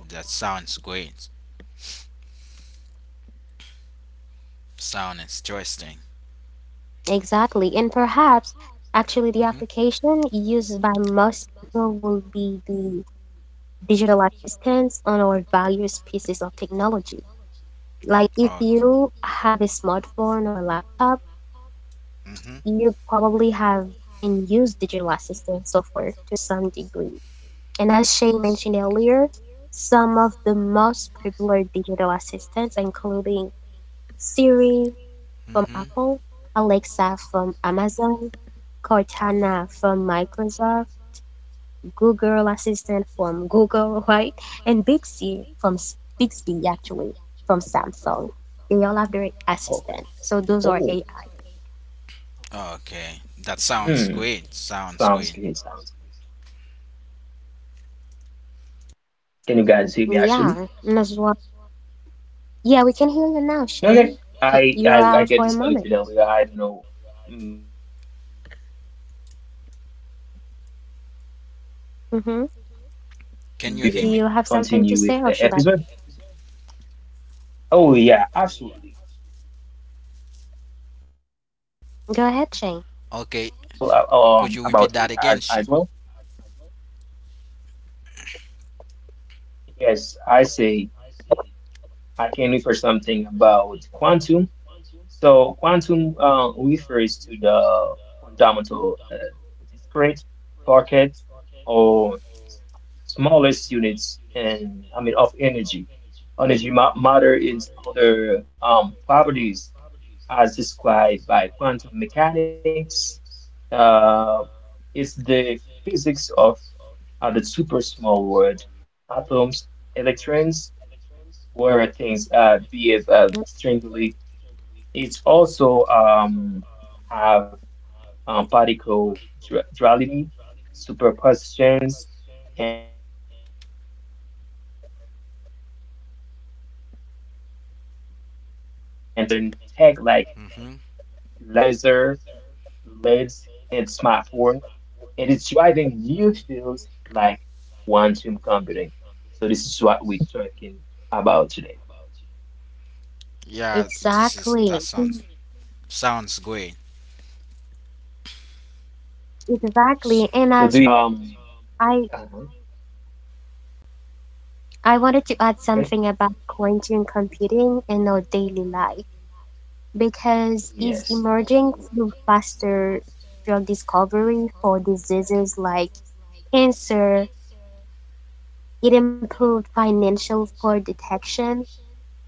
S2: That sounds great. Sound interesting.
S3: Exactly. And perhaps actually the application
S2: Mm-hmm.
S3: used by most people will be the digital assistants on our various pieces of technology. Like if you
S2: Okay.
S3: have a smartphone or a laptop,
S2: Mm-hmm.
S3: you probably have and use digital assistant software to some degree. And as Shay mentioned earlier, some of the most popular digital assistants, including Siri from
S2: Mm-hmm.
S3: Apple, Alexa from Amazon, Cortana from Microsoft, Google Assistant from
S1: okay.
S3: Google, [laughs] right? And Bixby actually from
S1: Okay.
S3: Samsung. They
S1: Oh.
S3: all have their assistant. So those are AI.
S2: Oh.
S1: Hmm.
S2: Okay. That sounds
S1: Sounds
S2: great.
S1: good.
S2: Sounds
S1: Sounds
S2: great.
S1: good. Can you guys hear me actually?
S3: Yeah, and as well. Yeah, we can hear you now,
S1: Okay.
S3: Shane.
S1: I
S3: You're
S1: I
S3: out
S1: I
S3: for a
S1: get
S3: moment.
S1: disconnected earlier. I don't know, because we probably have bad connections today, but we're gonna go ahead and
S3: Mm-hmm.
S1: continue with the
S2: Can you hear me?
S1: episode.
S3: Do you have something to say, or should I
S1: Oh yeah, absolutely. Um, that I can have, I can bring to the table. It's all
S3: go
S2: Okay.
S3: ahead,
S1: about it
S3: Shane?
S1: as
S2: Could you
S1: well.
S2: repeat that again, Shim?
S1: Yes, I say I can refer something about quantum. So refers to the fundamental discrete pocket or s- smallest units, and I mean of energy. Energy matter is other properties as described by quantum mechanics. Uh, it's the physics of the super small world, atoms, electrons, where things behave strangely. It also have particle duality, superpositions, entanglement as well. It's basics for modern tech like la I mean laser,
S2: Mm-hmm.
S1: LEDs, and smartphone. It is driving new fields like quantum computing. So this is what we're talking about today.
S2: Yeah, this is,
S3: Exactly.
S2: that
S3: Mm.
S2: sounds, sounds great.
S1: So do you hear me as well?
S3: Exactly.
S2: So,
S3: And as well,
S1: Uh-huh.
S3: I I wanted
S1: Okay.
S3: to add something about quantum computing in our daily life, because
S1: Yes.
S3: it's emerging through faster drug discovery for diseases like cancer. It improved financial for detection,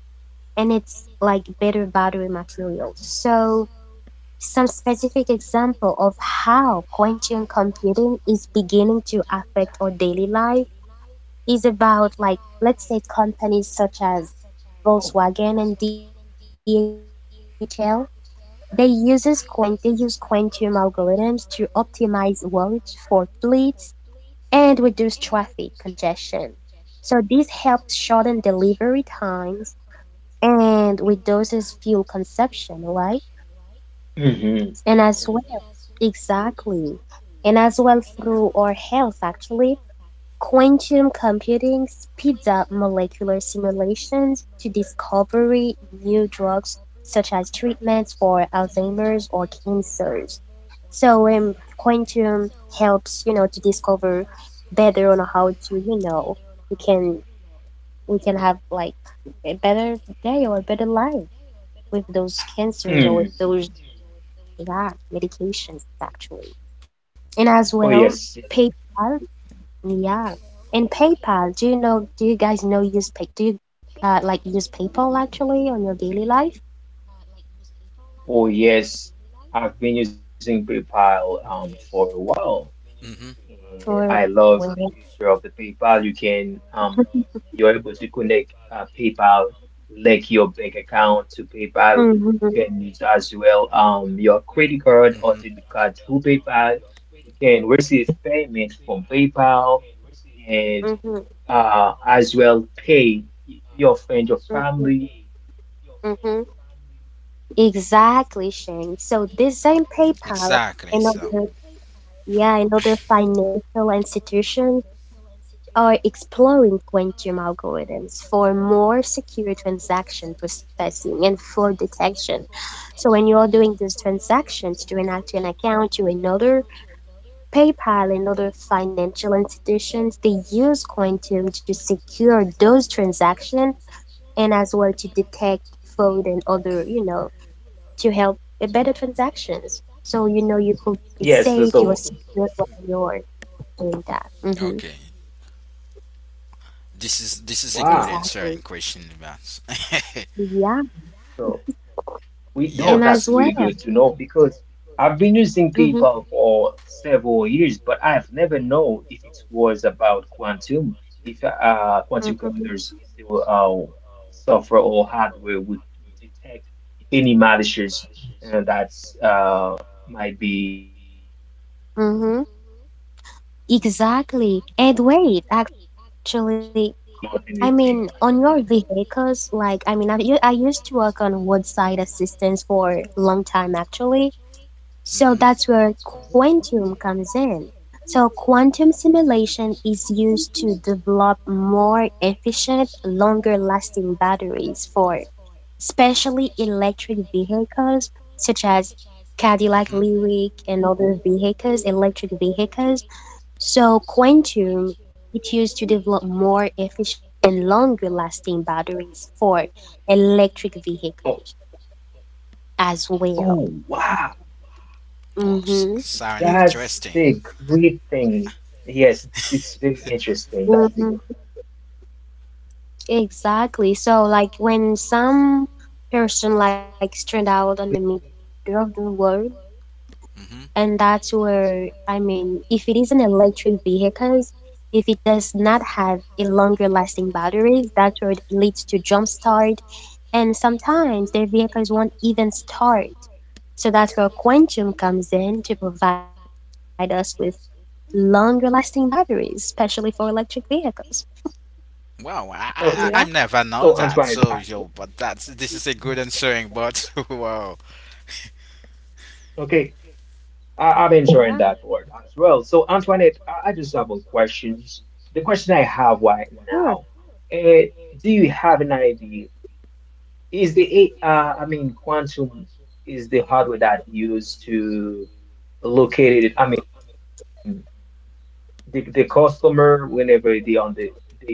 S3: and it's like better battery materials. So some specific example of how quantum computing is beginning to affect our daily life is about, like, let's say
S1: Oh.
S3: companies such as Volkswagen and DHL. They uses quant they use quantum algorithms to optimize routes for fleets and reduce traffic congestion. So this helps shorten delivery times and reduces fuel consumption, right?
S1: Hmm.
S3: And as well, exactly. And as well through our health actually, Quantum computing speeds up molecular simulations to discover new drugs such as treatments for Alzheimer's or cancers. So quantum helps, you know, to discover better on how to, you know, we can we can have like a better day or a better life with those cancers
S1: Mm.
S3: or with those, yeah, medications actually. And as
S1: Oh
S3: well,
S1: yes, yes.
S3: PayPal, yeah. And PayPal, do you know, do you guys know use pay, do you like use PayPal actually on your daily life
S1: Oh yes. I've been using PayPal for a while,
S2: mhm,
S1: and I
S3: for
S1: love the
S3: women?
S1: feature of the PayPal. You can,
S3: [laughs]
S1: you're able to connect PayPal, link your bank account to PayPal.
S3: Mm-hmm,
S1: You can use as well your
S2: mhm,
S1: credit card or debit card through PayPal. You can receive payment from PayPal, and
S3: hmm,
S1: as well pay your friend, your family, um,
S3: hmm.
S1: with people as well. That's
S3: Exactly,
S1: why.
S3: Shane. So this same PayPal
S2: exactly.
S3: and
S2: So,
S3: other, yeah, and other
S2: [coughs]
S3: financial institutions are exploring quantum algorithms for more secure transaction processing and fraud detection. So when you are doing these transactions to an account to another, PayPal and other financial institutions, they use Quantum to secure those transactions and as well to detect fraud and other, you know, to help better transactions. So, you know, you could be
S1: Yes.
S3: safe, you're
S1: So,
S3: secure while
S1: mhm.
S3: you're doing that. Mm-hmm.
S2: okay, this is, a good
S1: Wow.
S2: answer
S3: Exactly.
S2: and question about.
S3: Yeah.
S1: So we
S2: [laughs]
S1: know
S2: Yeah.
S3: And
S1: that's
S3: as
S2: Was,
S1: really good
S3: well.
S1: to know because I've been using
S3: Mm-hmm.
S1: PayPal for several years, but I've never know if it was about quantum, if quantum
S3: Mm-hmm.
S1: computers still software or hardware would detect any malicious, that's might be.
S3: Mm-hmm.
S1: People to get access to
S3: Exactly.
S1: McDonald's
S3: And
S1: and
S3: wait,
S1: anything like that.
S3: actually, I mean, on your vehicles, like, I used to work on roadside assistance for long time actually. So that's
S2: mm-hmm,
S3: where quantum comes in. So quantum simulation is used to develop more efficient, longer lasting batteries for especially electric vehicles such as Cadillac
S2: mm-hmm.
S3: Lyric and other vehicles, electric vehicles. So Quantum it used to develop more efficient and longer lasting batteries for
S1: Oh,
S3: electric vehicles
S1: oh
S3: as well.
S1: wow,
S2: Was
S3: Mm-hmm.
S2: sound interesting.
S1: that's a great thing. Yes, it's very
S3: Mm-hmm.
S1: interesting. That's a great point of view. Uh-huh.
S3: Exactly. So like when
S1: So
S3: some person like stranded out on the middle of the road, and
S2: Mm-hmm.
S3: that's where I mean if it is an electric vehicles, if it does not have a longer lasting batteries, that's where it leads to jump start, and sometimes their vehicles won't even start. So that's where Quantum comes in to provide us with longer lasting batteries, especially for electric vehicles.
S2: Wow, I,
S3: Yeah,
S2: I I I
S1: okay,
S2: never know
S1: so
S2: that. So
S1: Antoinette,
S2: yo, but that's, this is a good answering. But [laughs] wow,
S1: okay, I'm enjoying that
S3: yeah,
S1: word as well. So Antoinette, I just have one questions. The question I have right
S3: sure.
S1: now, uh, do you idea? Is the I mean, quantum is the hardware that used to locate it. I mean, the customer, whenever they on the they uh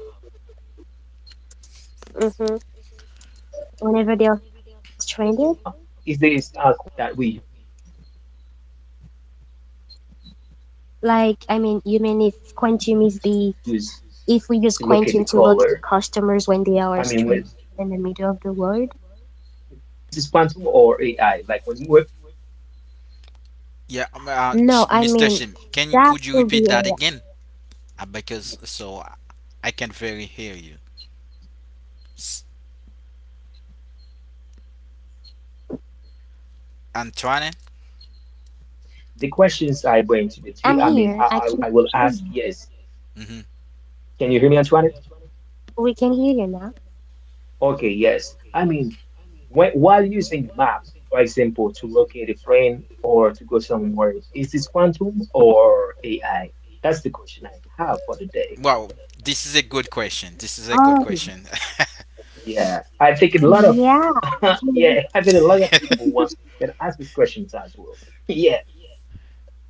S1: they call breakdown inside of the
S3: Mm-hmm.
S1: world, is this
S3: Whenever they are stranded,
S1: quantum or AI that we use to look at the color? I mean,
S3: like,
S1: when,
S3: I mean, you mean if Quantum is the, if we use Quantum to locate customers when they are
S1: Qu-
S3: stranded in
S1: yes,
S3: the middle of the
S1: exactly.
S3: world?
S1: Is this quantum or AI? Like when we, yes, when we use map.
S2: yeah,
S3: No, I
S1: Yes.
S2: Mr.
S3: mean,
S2: Shim, can you,
S3: that
S2: could you
S3: will be
S2: repeat that
S3: a,
S2: again? Because so I can very hear you. S-
S1: Yeah, we probably having bad connections today, but the questions
S2: Antoine.
S1: I bring to the tea, I mean, I
S3: I'm
S1: will ask,
S3: here. I
S1: yes.
S3: can hear you.
S1: Can you hear me,
S2: Mm-hmm.
S1: Antoinette?
S3: We can hear you now.
S1: Okay, yes. I mean, when, while using map, for example, to locate a friend or to go somewhere, is this quantum or AI? That's the question I have for the day.
S2: Wow, this is a good question. This is a good
S3: Oh,
S2: question.
S1: Yeah, I think a lot of
S3: yeah.
S1: [laughs]
S3: Mm.
S1: Yeah, I think a lot
S2: [laughs]
S1: of people want can ask these questions as well. [laughs] Yeah,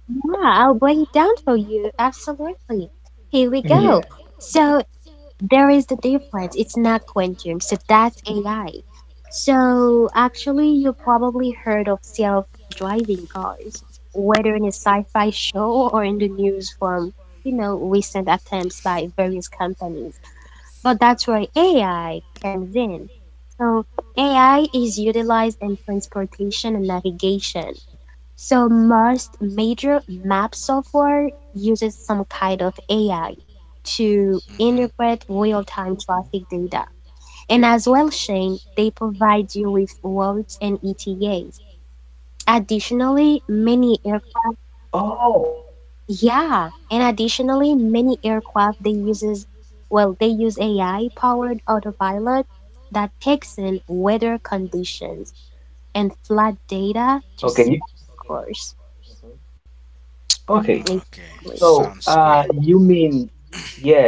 S3: Yeah, I'll break it down for you. Absolutely. Here we
S1: yeah.
S3: go. So there is the difference. It's not quantum, so that's AI. So actually,
S1: Mm.
S3: you probably heard of self-driving cars, whether in a sci-fi show or in the news from, you know, recent attempts by various companies. But that's where AI comes in. So AI is utilized in transportation and navigation. So most major map software uses some kind of AI to
S2: Mm-hmm.
S3: interpret real-time traffic data. And as well, Shane, they provide you with routes and ETAs. Additionally,
S1: Oh.
S3: many air yeah, and additionally, many aircraft they uses well, they use AI-powered autopilot that takes in weather conditions and flight data to set course.
S2: Okay,
S3: Exactly.
S2: sounds great. [coughs]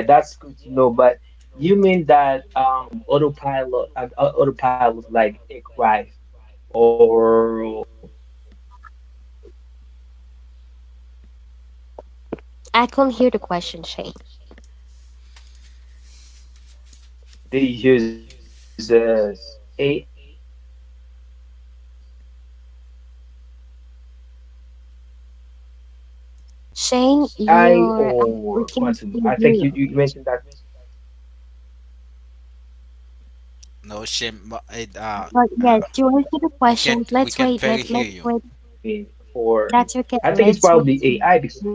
S1: Okay. Mm-hmm. Okay, so,
S3: I
S1: you
S3: can not hear the
S1: mean,
S3: question, Shane.
S1: yeah, that's good to know, but you mean that, autopilot, autopilot like aircraft, or they use AI or quantum? I think you, you
S3: Shane,
S1: you mentioned that
S3: you're we can hear
S1: AI, right?
S3: you.
S1: You think
S2: No
S1: the
S2: shame, but
S1: power, I
S2: it,
S1: mean,
S3: But
S1: for
S2: Uh,
S3: yes, do you want
S1: they
S3: to
S1: are
S3: the
S2: we
S1: using
S2: can't,
S3: questions?
S2: we
S3: Let's
S2: can
S1: AI
S3: wait.
S2: very hear
S3: Let's
S2: you.
S1: or
S3: wait.
S1: quantum.
S3: That's okay.
S1: I think it's
S3: Let's wait.
S1: probably
S3: And
S1: AI
S3: see it.
S1: because,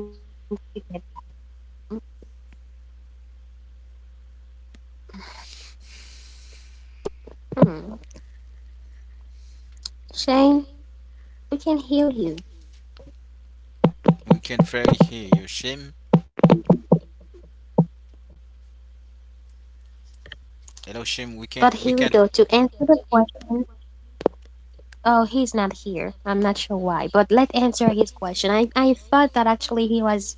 S1: all right, not a problem.
S3: Hmm.
S1: So,
S3: Shane, we can hear you.
S1: okay, since you can.
S2: We can't very hear you, Shim.
S1: Yeah, since you cannot hear me very well, guys, let's
S2: Hello,
S1: get
S2: Shim. We
S1: back.
S2: can't.
S3: But
S2: We
S3: here
S2: can't.
S3: we go to answer the
S1: Can you
S3: question.
S1: hear me as can you
S3: Oh,
S1: hear me
S3: he's not
S1: guys?
S3: here. I'm not sure why. But let's answer his
S1: Can
S3: question.
S1: you
S3: I
S1: hear
S3: I
S1: me?
S3: thought that actually he was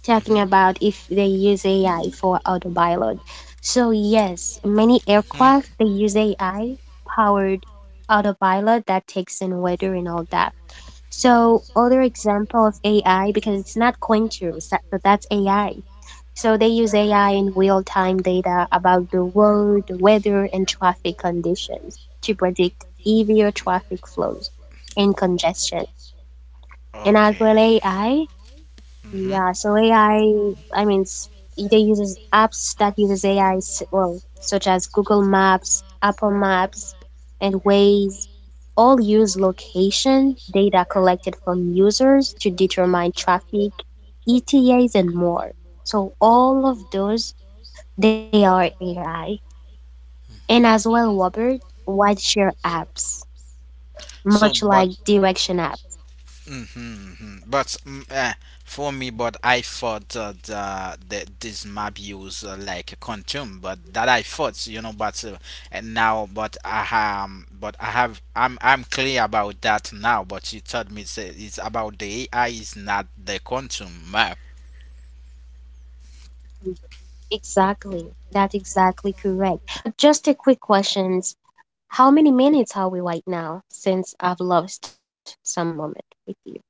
S3: talking
S2: Mm-hmm.
S1: No
S3: about
S1: one
S3: if
S1: can
S3: they
S1: hear
S3: use
S1: can
S3: AI
S1: hear us.
S3: for
S1: So today is a bad
S3: autopilot.
S1: we got a bad
S3: So
S1: connection for the
S3: yes,
S1: day.
S3: many aircraft they use
S1: [clears throat]
S3: AI
S1: Can you hear me?
S3: powered autopilot that takes in weather and all that. So
S1: I
S3: other
S1: can't
S3: example
S1: hear
S3: of AI,
S1: anything.
S3: because it's not Quintus, that, but that's AI. So they use AI in real-time data about the road, the weather, and traffic conditions to predict heavier traffic flows and congestion. And as well
S2: Okay.
S3: AI,
S2: Mm-hmm.
S3: yeah, so AI, I I mean, s- either uses apps that uses AI, well, such as Google Maps, Apple Maps, and Waze, all use location data collected from users to determine traffic, ETAs, and more. So all of those, they are AI. And
S2: Mm-hmm.
S3: as well, Robert, rideshare apps, much
S2: So,
S3: like
S2: but
S3: direction apps.
S2: mm hmm. But for me, but I thought the this map use like a consume, but that I thought, but and now, but I, but I have, I'm clear about that now. But you told me say it's about the AI is not the consume map.
S3: Exactly. That's exactly correct. But just a quick question. How many minutes are we right now since I've lost some moment with you?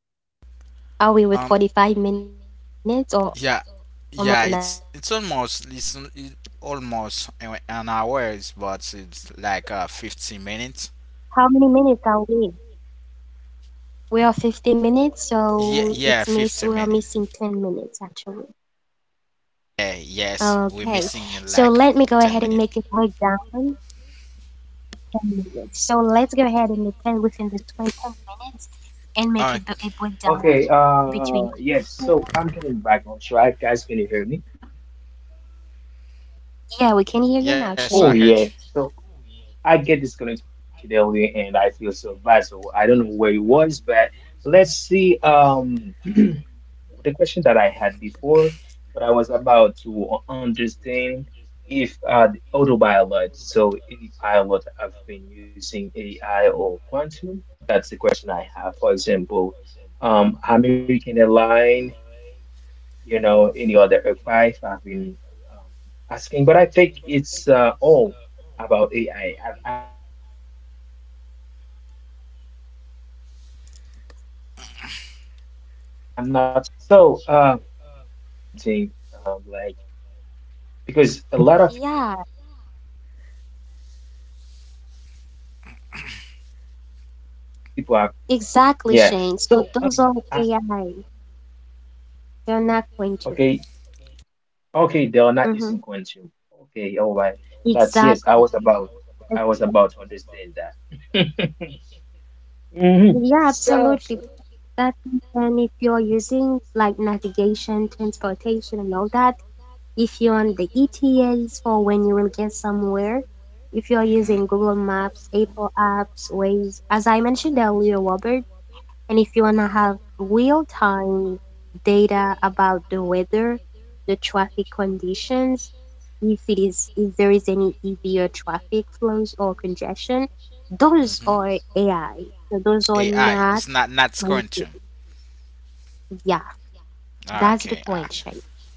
S3: Are we with
S2: Um,
S3: 45 minutes or almost an hour?
S2: yeah, yeah, it's almost an hours, but it's like 50 minutes.
S3: How many minutes are we? We are 15 minutes,
S2: Yeah,
S3: so it's
S2: yeah,
S3: miss we are
S2: 15
S3: missing
S2: minutes.
S3: 10 minutes actually.
S2: Yeah, yes, we're
S3: Okay.
S2: missing
S3: So
S2: like
S3: let me go ahead
S2: 10
S3: and
S2: minutes.
S3: make it break down 10 minutes. So let's go ahead and the within the 20 minutes
S2: Uh,
S3: and make it a
S1: Okay,
S3: breakdown
S1: yes,
S3: between.
S1: so I'm getting background, right? Guys, can you hear me?
S2: yes,
S3: Yeah,
S2: I
S3: we can
S2: heard
S1: Oh
S2: you.
S3: hear you
S1: yes.
S3: now, Shane.
S1: So I get disconnected earlier and I feel so bad. So I don't know where it was, but let's see [clears throat] the question that I had before, but I was about to understand if the autopilot, so any pilot have been using AI or quantum, that's the question I have. For example, American Airlines. You know, any other advice I've been, um, asking, but I think it's, all about AI. I am not sure is that was quantum. So, I can bring something like because a lot of
S3: Yeah,
S1: people have been asking. Mhm. Yeah. So,
S3: exactly,
S1: a lot
S3: Shane.
S1: of people
S3: So
S1: has
S3: those are
S1: been asked.
S3: AI. They're not going to.
S1: Okay, okay, they
S3: Hmm.
S1: are not using quantum. Okay, all right.
S3: Exactly.
S1: That's yes. I was
S3: That's
S1: about,
S3: right.
S1: I was about to understand that. [laughs]
S3: Yeah,
S1: Hmm.
S3: absolutely. That
S1: So,
S3: and if you're using like navigation, transportation, and all that, if you're on the ETAs for when you will get somewhere, if you're
S2: Mm-hmm,
S3: using Google Maps, Apple Apps, Waze, as I mentioned earlier, Robert. And if you want to have
S2: mm-hmm,
S3: real time data about the weather, the traffic conditions, if it is if there is any EV or traffic flows or congestion, those
S2: mm-hmm.
S3: are AI. So those are
S2: AI, it's
S3: not
S2: not not scoring
S3: my-
S2: to.
S3: yeah,
S2: Okay,
S3: that's the
S2: ah,
S3: point, Shay.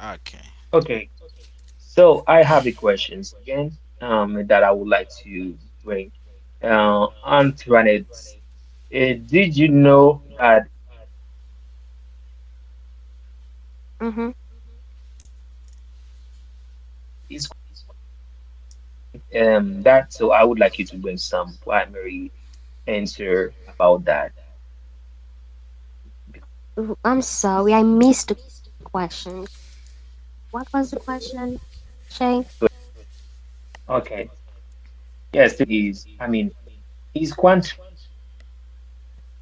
S2: okay.
S1: okay, so I have the questions again, that I would like to bring. Antoinette, did you know that is quantum computing available now?
S3: Mm-hmm.
S1: And do you think, that? So I would like you to bring some primary answer about that because I think, a lot of
S3: I'm
S1: people.
S3: sorry, I missed the question. What was the question, Shay?
S1: Okay, yes, the question is, I mean, is quantum computing available now?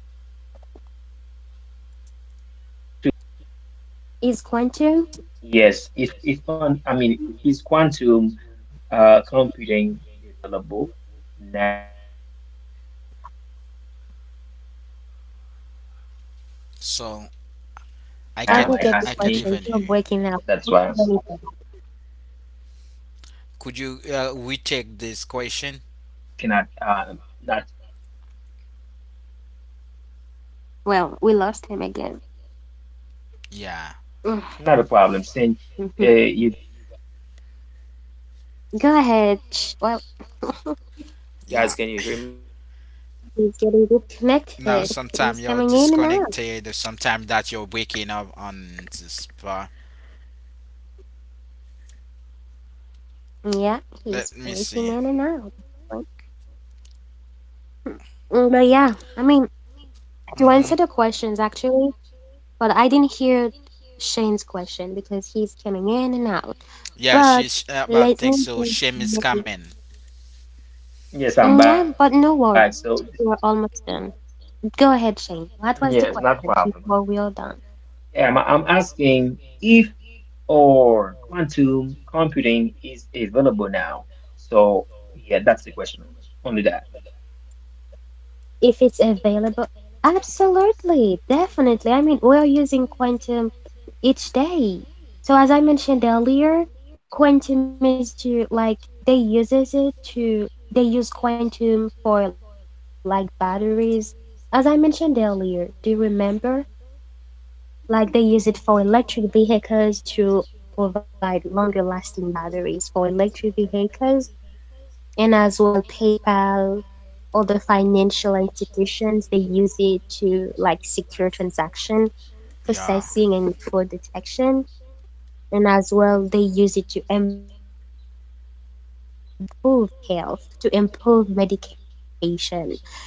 S3: Is going to?
S1: Yes, if one, I mean, is quantum computing available now? That's the
S2: So
S1: questions a
S3: I
S1: lot
S3: didn't
S1: of
S2: I
S1: people
S3: get the
S1: might
S2: get
S1: ask
S3: question.
S2: I
S3: You're
S1: me.
S2: can't even
S3: breaking
S2: hear
S3: up.
S2: you.
S1: That's why.
S2: Could you retake this
S1: Okay, sh
S2: question?
S1: okay, Antoinette cannot.
S3: Well, we
S1: Not
S3: lost him again.
S2: Yeah,
S3: Mm.
S1: a problem. Since
S3: Mhm. [laughs]
S1: you guys have bad connections.
S3: Go ahead. Well,
S2: yeah.
S3: he's getting
S2: No,
S3: disconnected. He's
S2: sometimes you're
S3: coming in and out.
S2: disconnected, sometimes that you're waking up on the spot.
S3: Yeah, he's
S2: Let me
S3: breaking
S2: see.
S3: in and out. Right. Mm. But yeah, I mean, to answer the
S2: Mm-hmm.
S3: questions actually, but I didn't hear Shane's question because he's coming in and
S2: Yeah,
S3: But
S2: she's but
S3: let
S2: think
S3: me
S2: so.
S3: just
S2: Shame is
S3: maybe.
S2: coming.
S3: Mm. Yeah, but
S1: Yes,
S3: no
S1: I'm
S3: worries.
S1: back. So,
S3: We're almost done. Go ahead, Shane. What was the
S1: yes, not a
S3: question
S1: problem.
S3: before we are done?
S1: I'm asking if or quantum computing is available now. So, yeah, that's the question only. Only that.
S3: If it's available. Absolutely, definitely. I mean, we're using quantum each day. So as I mentioned earlier, quantum is to like they use quantum for like batteries. As I mentioned earlier, do you remember? Like they use it for electric vehicles to provide longer lasting batteries for electric vehicles and as well PayPal, other financial institutions, they use it to like secure transaction
S2: Yeah.
S3: processing and fraud detection. And as well, they use it to improve health, to improve medication, to provide better medications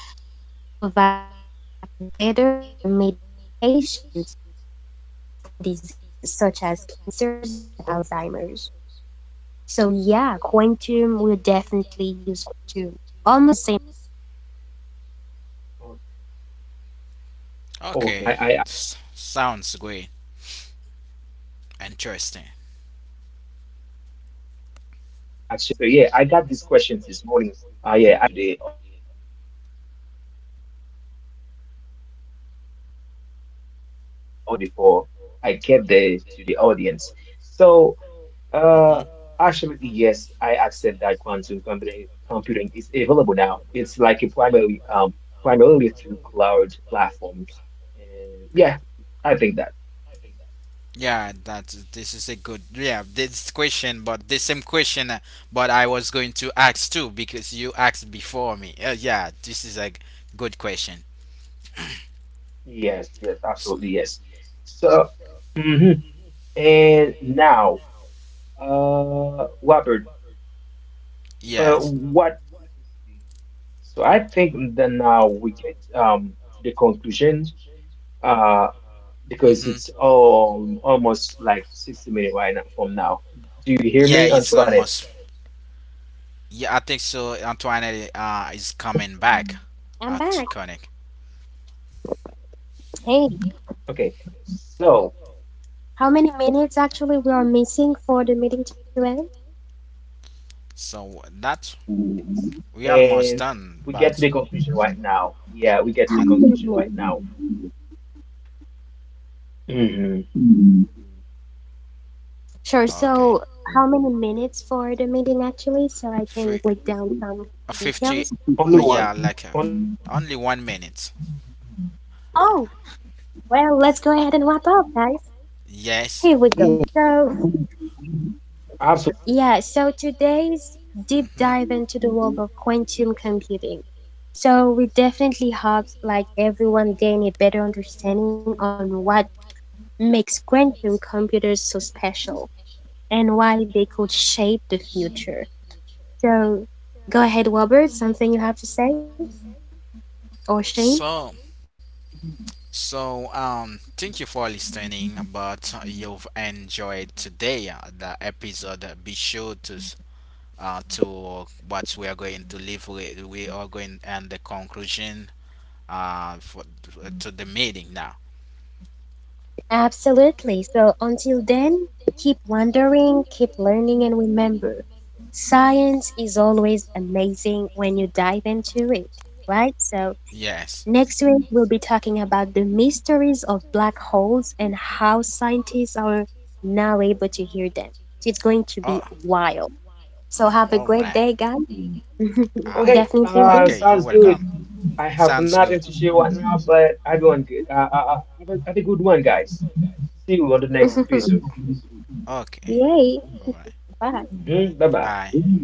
S3: for disease such as cancers and
S1: Okay,
S3: Alzheimer's. So
S1: okay.
S3: yeah, quantum, we'll definitely use quantum. Almost the same as AI, but yeah, that's
S1: Okay,
S3: how it is.
S1: that I actually love
S2: Okay.
S1: that answer
S2: Sounds
S1: because
S2: great.
S1: I got this answer. Yeah, I got this
S2: Interesting.
S1: question this morning. Yeah, I got this question this morning before getting to the audience. I had a guy ask me this question before I get there to the audience. So uh, absolutely, yes. I accept that
S2: Mm-hmm.
S1: quantum computing is available now. It's like a primarily through cloud platforms. And yeah, I think that that it is. So I'm
S2: Yeah,
S1: I'm okay
S2: that
S1: with that,
S2: this is a good, yeah,
S1: Antoinette.
S2: this question, but the same question, but I was going to ask too because you asked before me. Yeah, this is a good question.
S1: Yes, yes,
S2: S-
S1: absolutely, yes. So, hmm. And now Robert,
S2: yes.
S1: what let me. So I think that now we get to the conclusion. Uh, because
S2: Mhm.
S1: it's, almost like 60 minutes right now from now. Do you hear
S2: Yeah,
S1: me,
S2: it's
S1: Antoinette?
S2: almost. Yeah, I think so. Antoinette is coming back
S3: I'm
S2: to
S3: back.
S2: connect.
S1: Okay.
S3: Hey,
S1: So, yes, Antoinette.
S3: how many
S1: So now
S3: minutes
S1: we get
S3: actually we are missing for the meeting to
S1: it only
S2: So
S1: 1 minute
S2: that
S1: and
S2: we almost
S1: we get to the
S2: done,
S1: conclusion
S2: but
S1: right now. Yeah, we get to the conclusion
S2: and
S1: right
S3: end?
S1: now.
S3: [laughs]
S1: Hmm.
S3: Sure.
S2: okay.
S3: So, how many minutes for the meeting actually, so I can
S2: Fi-
S3: break down some details?
S2: 50.
S1: Only
S2: Yeah,
S1: one.
S2: like
S1: Only one
S2: only
S1: minute. I
S2: one
S1: think.
S2: minute.
S3: Oh,
S1: 2 minutes.
S3: well, let's go ahead and wrap up, guys. Here we
S2: Yes.
S3: go.
S1: Absolutely, yes.
S3: So, yeah, so today's deep dive
S2: Mm-hmm.
S3: into the world of quantum computing. So, we definitely hope like everyone gain a better understanding on what makes quantum computers so special and why they could shape the future. So go ahead, Robert, something you have to say, or Shane?
S2: So, so, thank you for listening. But you've enjoyed today the episode. Be sure to to what we are going to leave with. We are going and the conclusion for, to the meeting now.
S3: Absolutely. So until then, keep wondering, keep learning, and remember science is always amazing when you dive into it, right? So
S2: Yes.
S3: next week, we'll be talking about the mysteries of black holes and how scientists are now able to hear them. It's going to be
S2: Oh,
S3: wild. So have a
S2: all
S3: great
S2: right.
S3: day, guys. [laughs]
S2: Ah,
S1: Okay,
S3: Definitely enjoy.
S2: okay. You're
S1: sounds good.
S2: welcome.
S1: I have
S2: Sounds
S1: nothing
S2: good.
S1: to share right now, but everyone good. Have a good one, guys. See you on the next
S2: Oh,
S3: [laughs]
S1: episode.
S2: okay.
S3: Yay.
S2: All right.
S3: Bye.
S1: Hmm. Bye bye.
S2: Bye.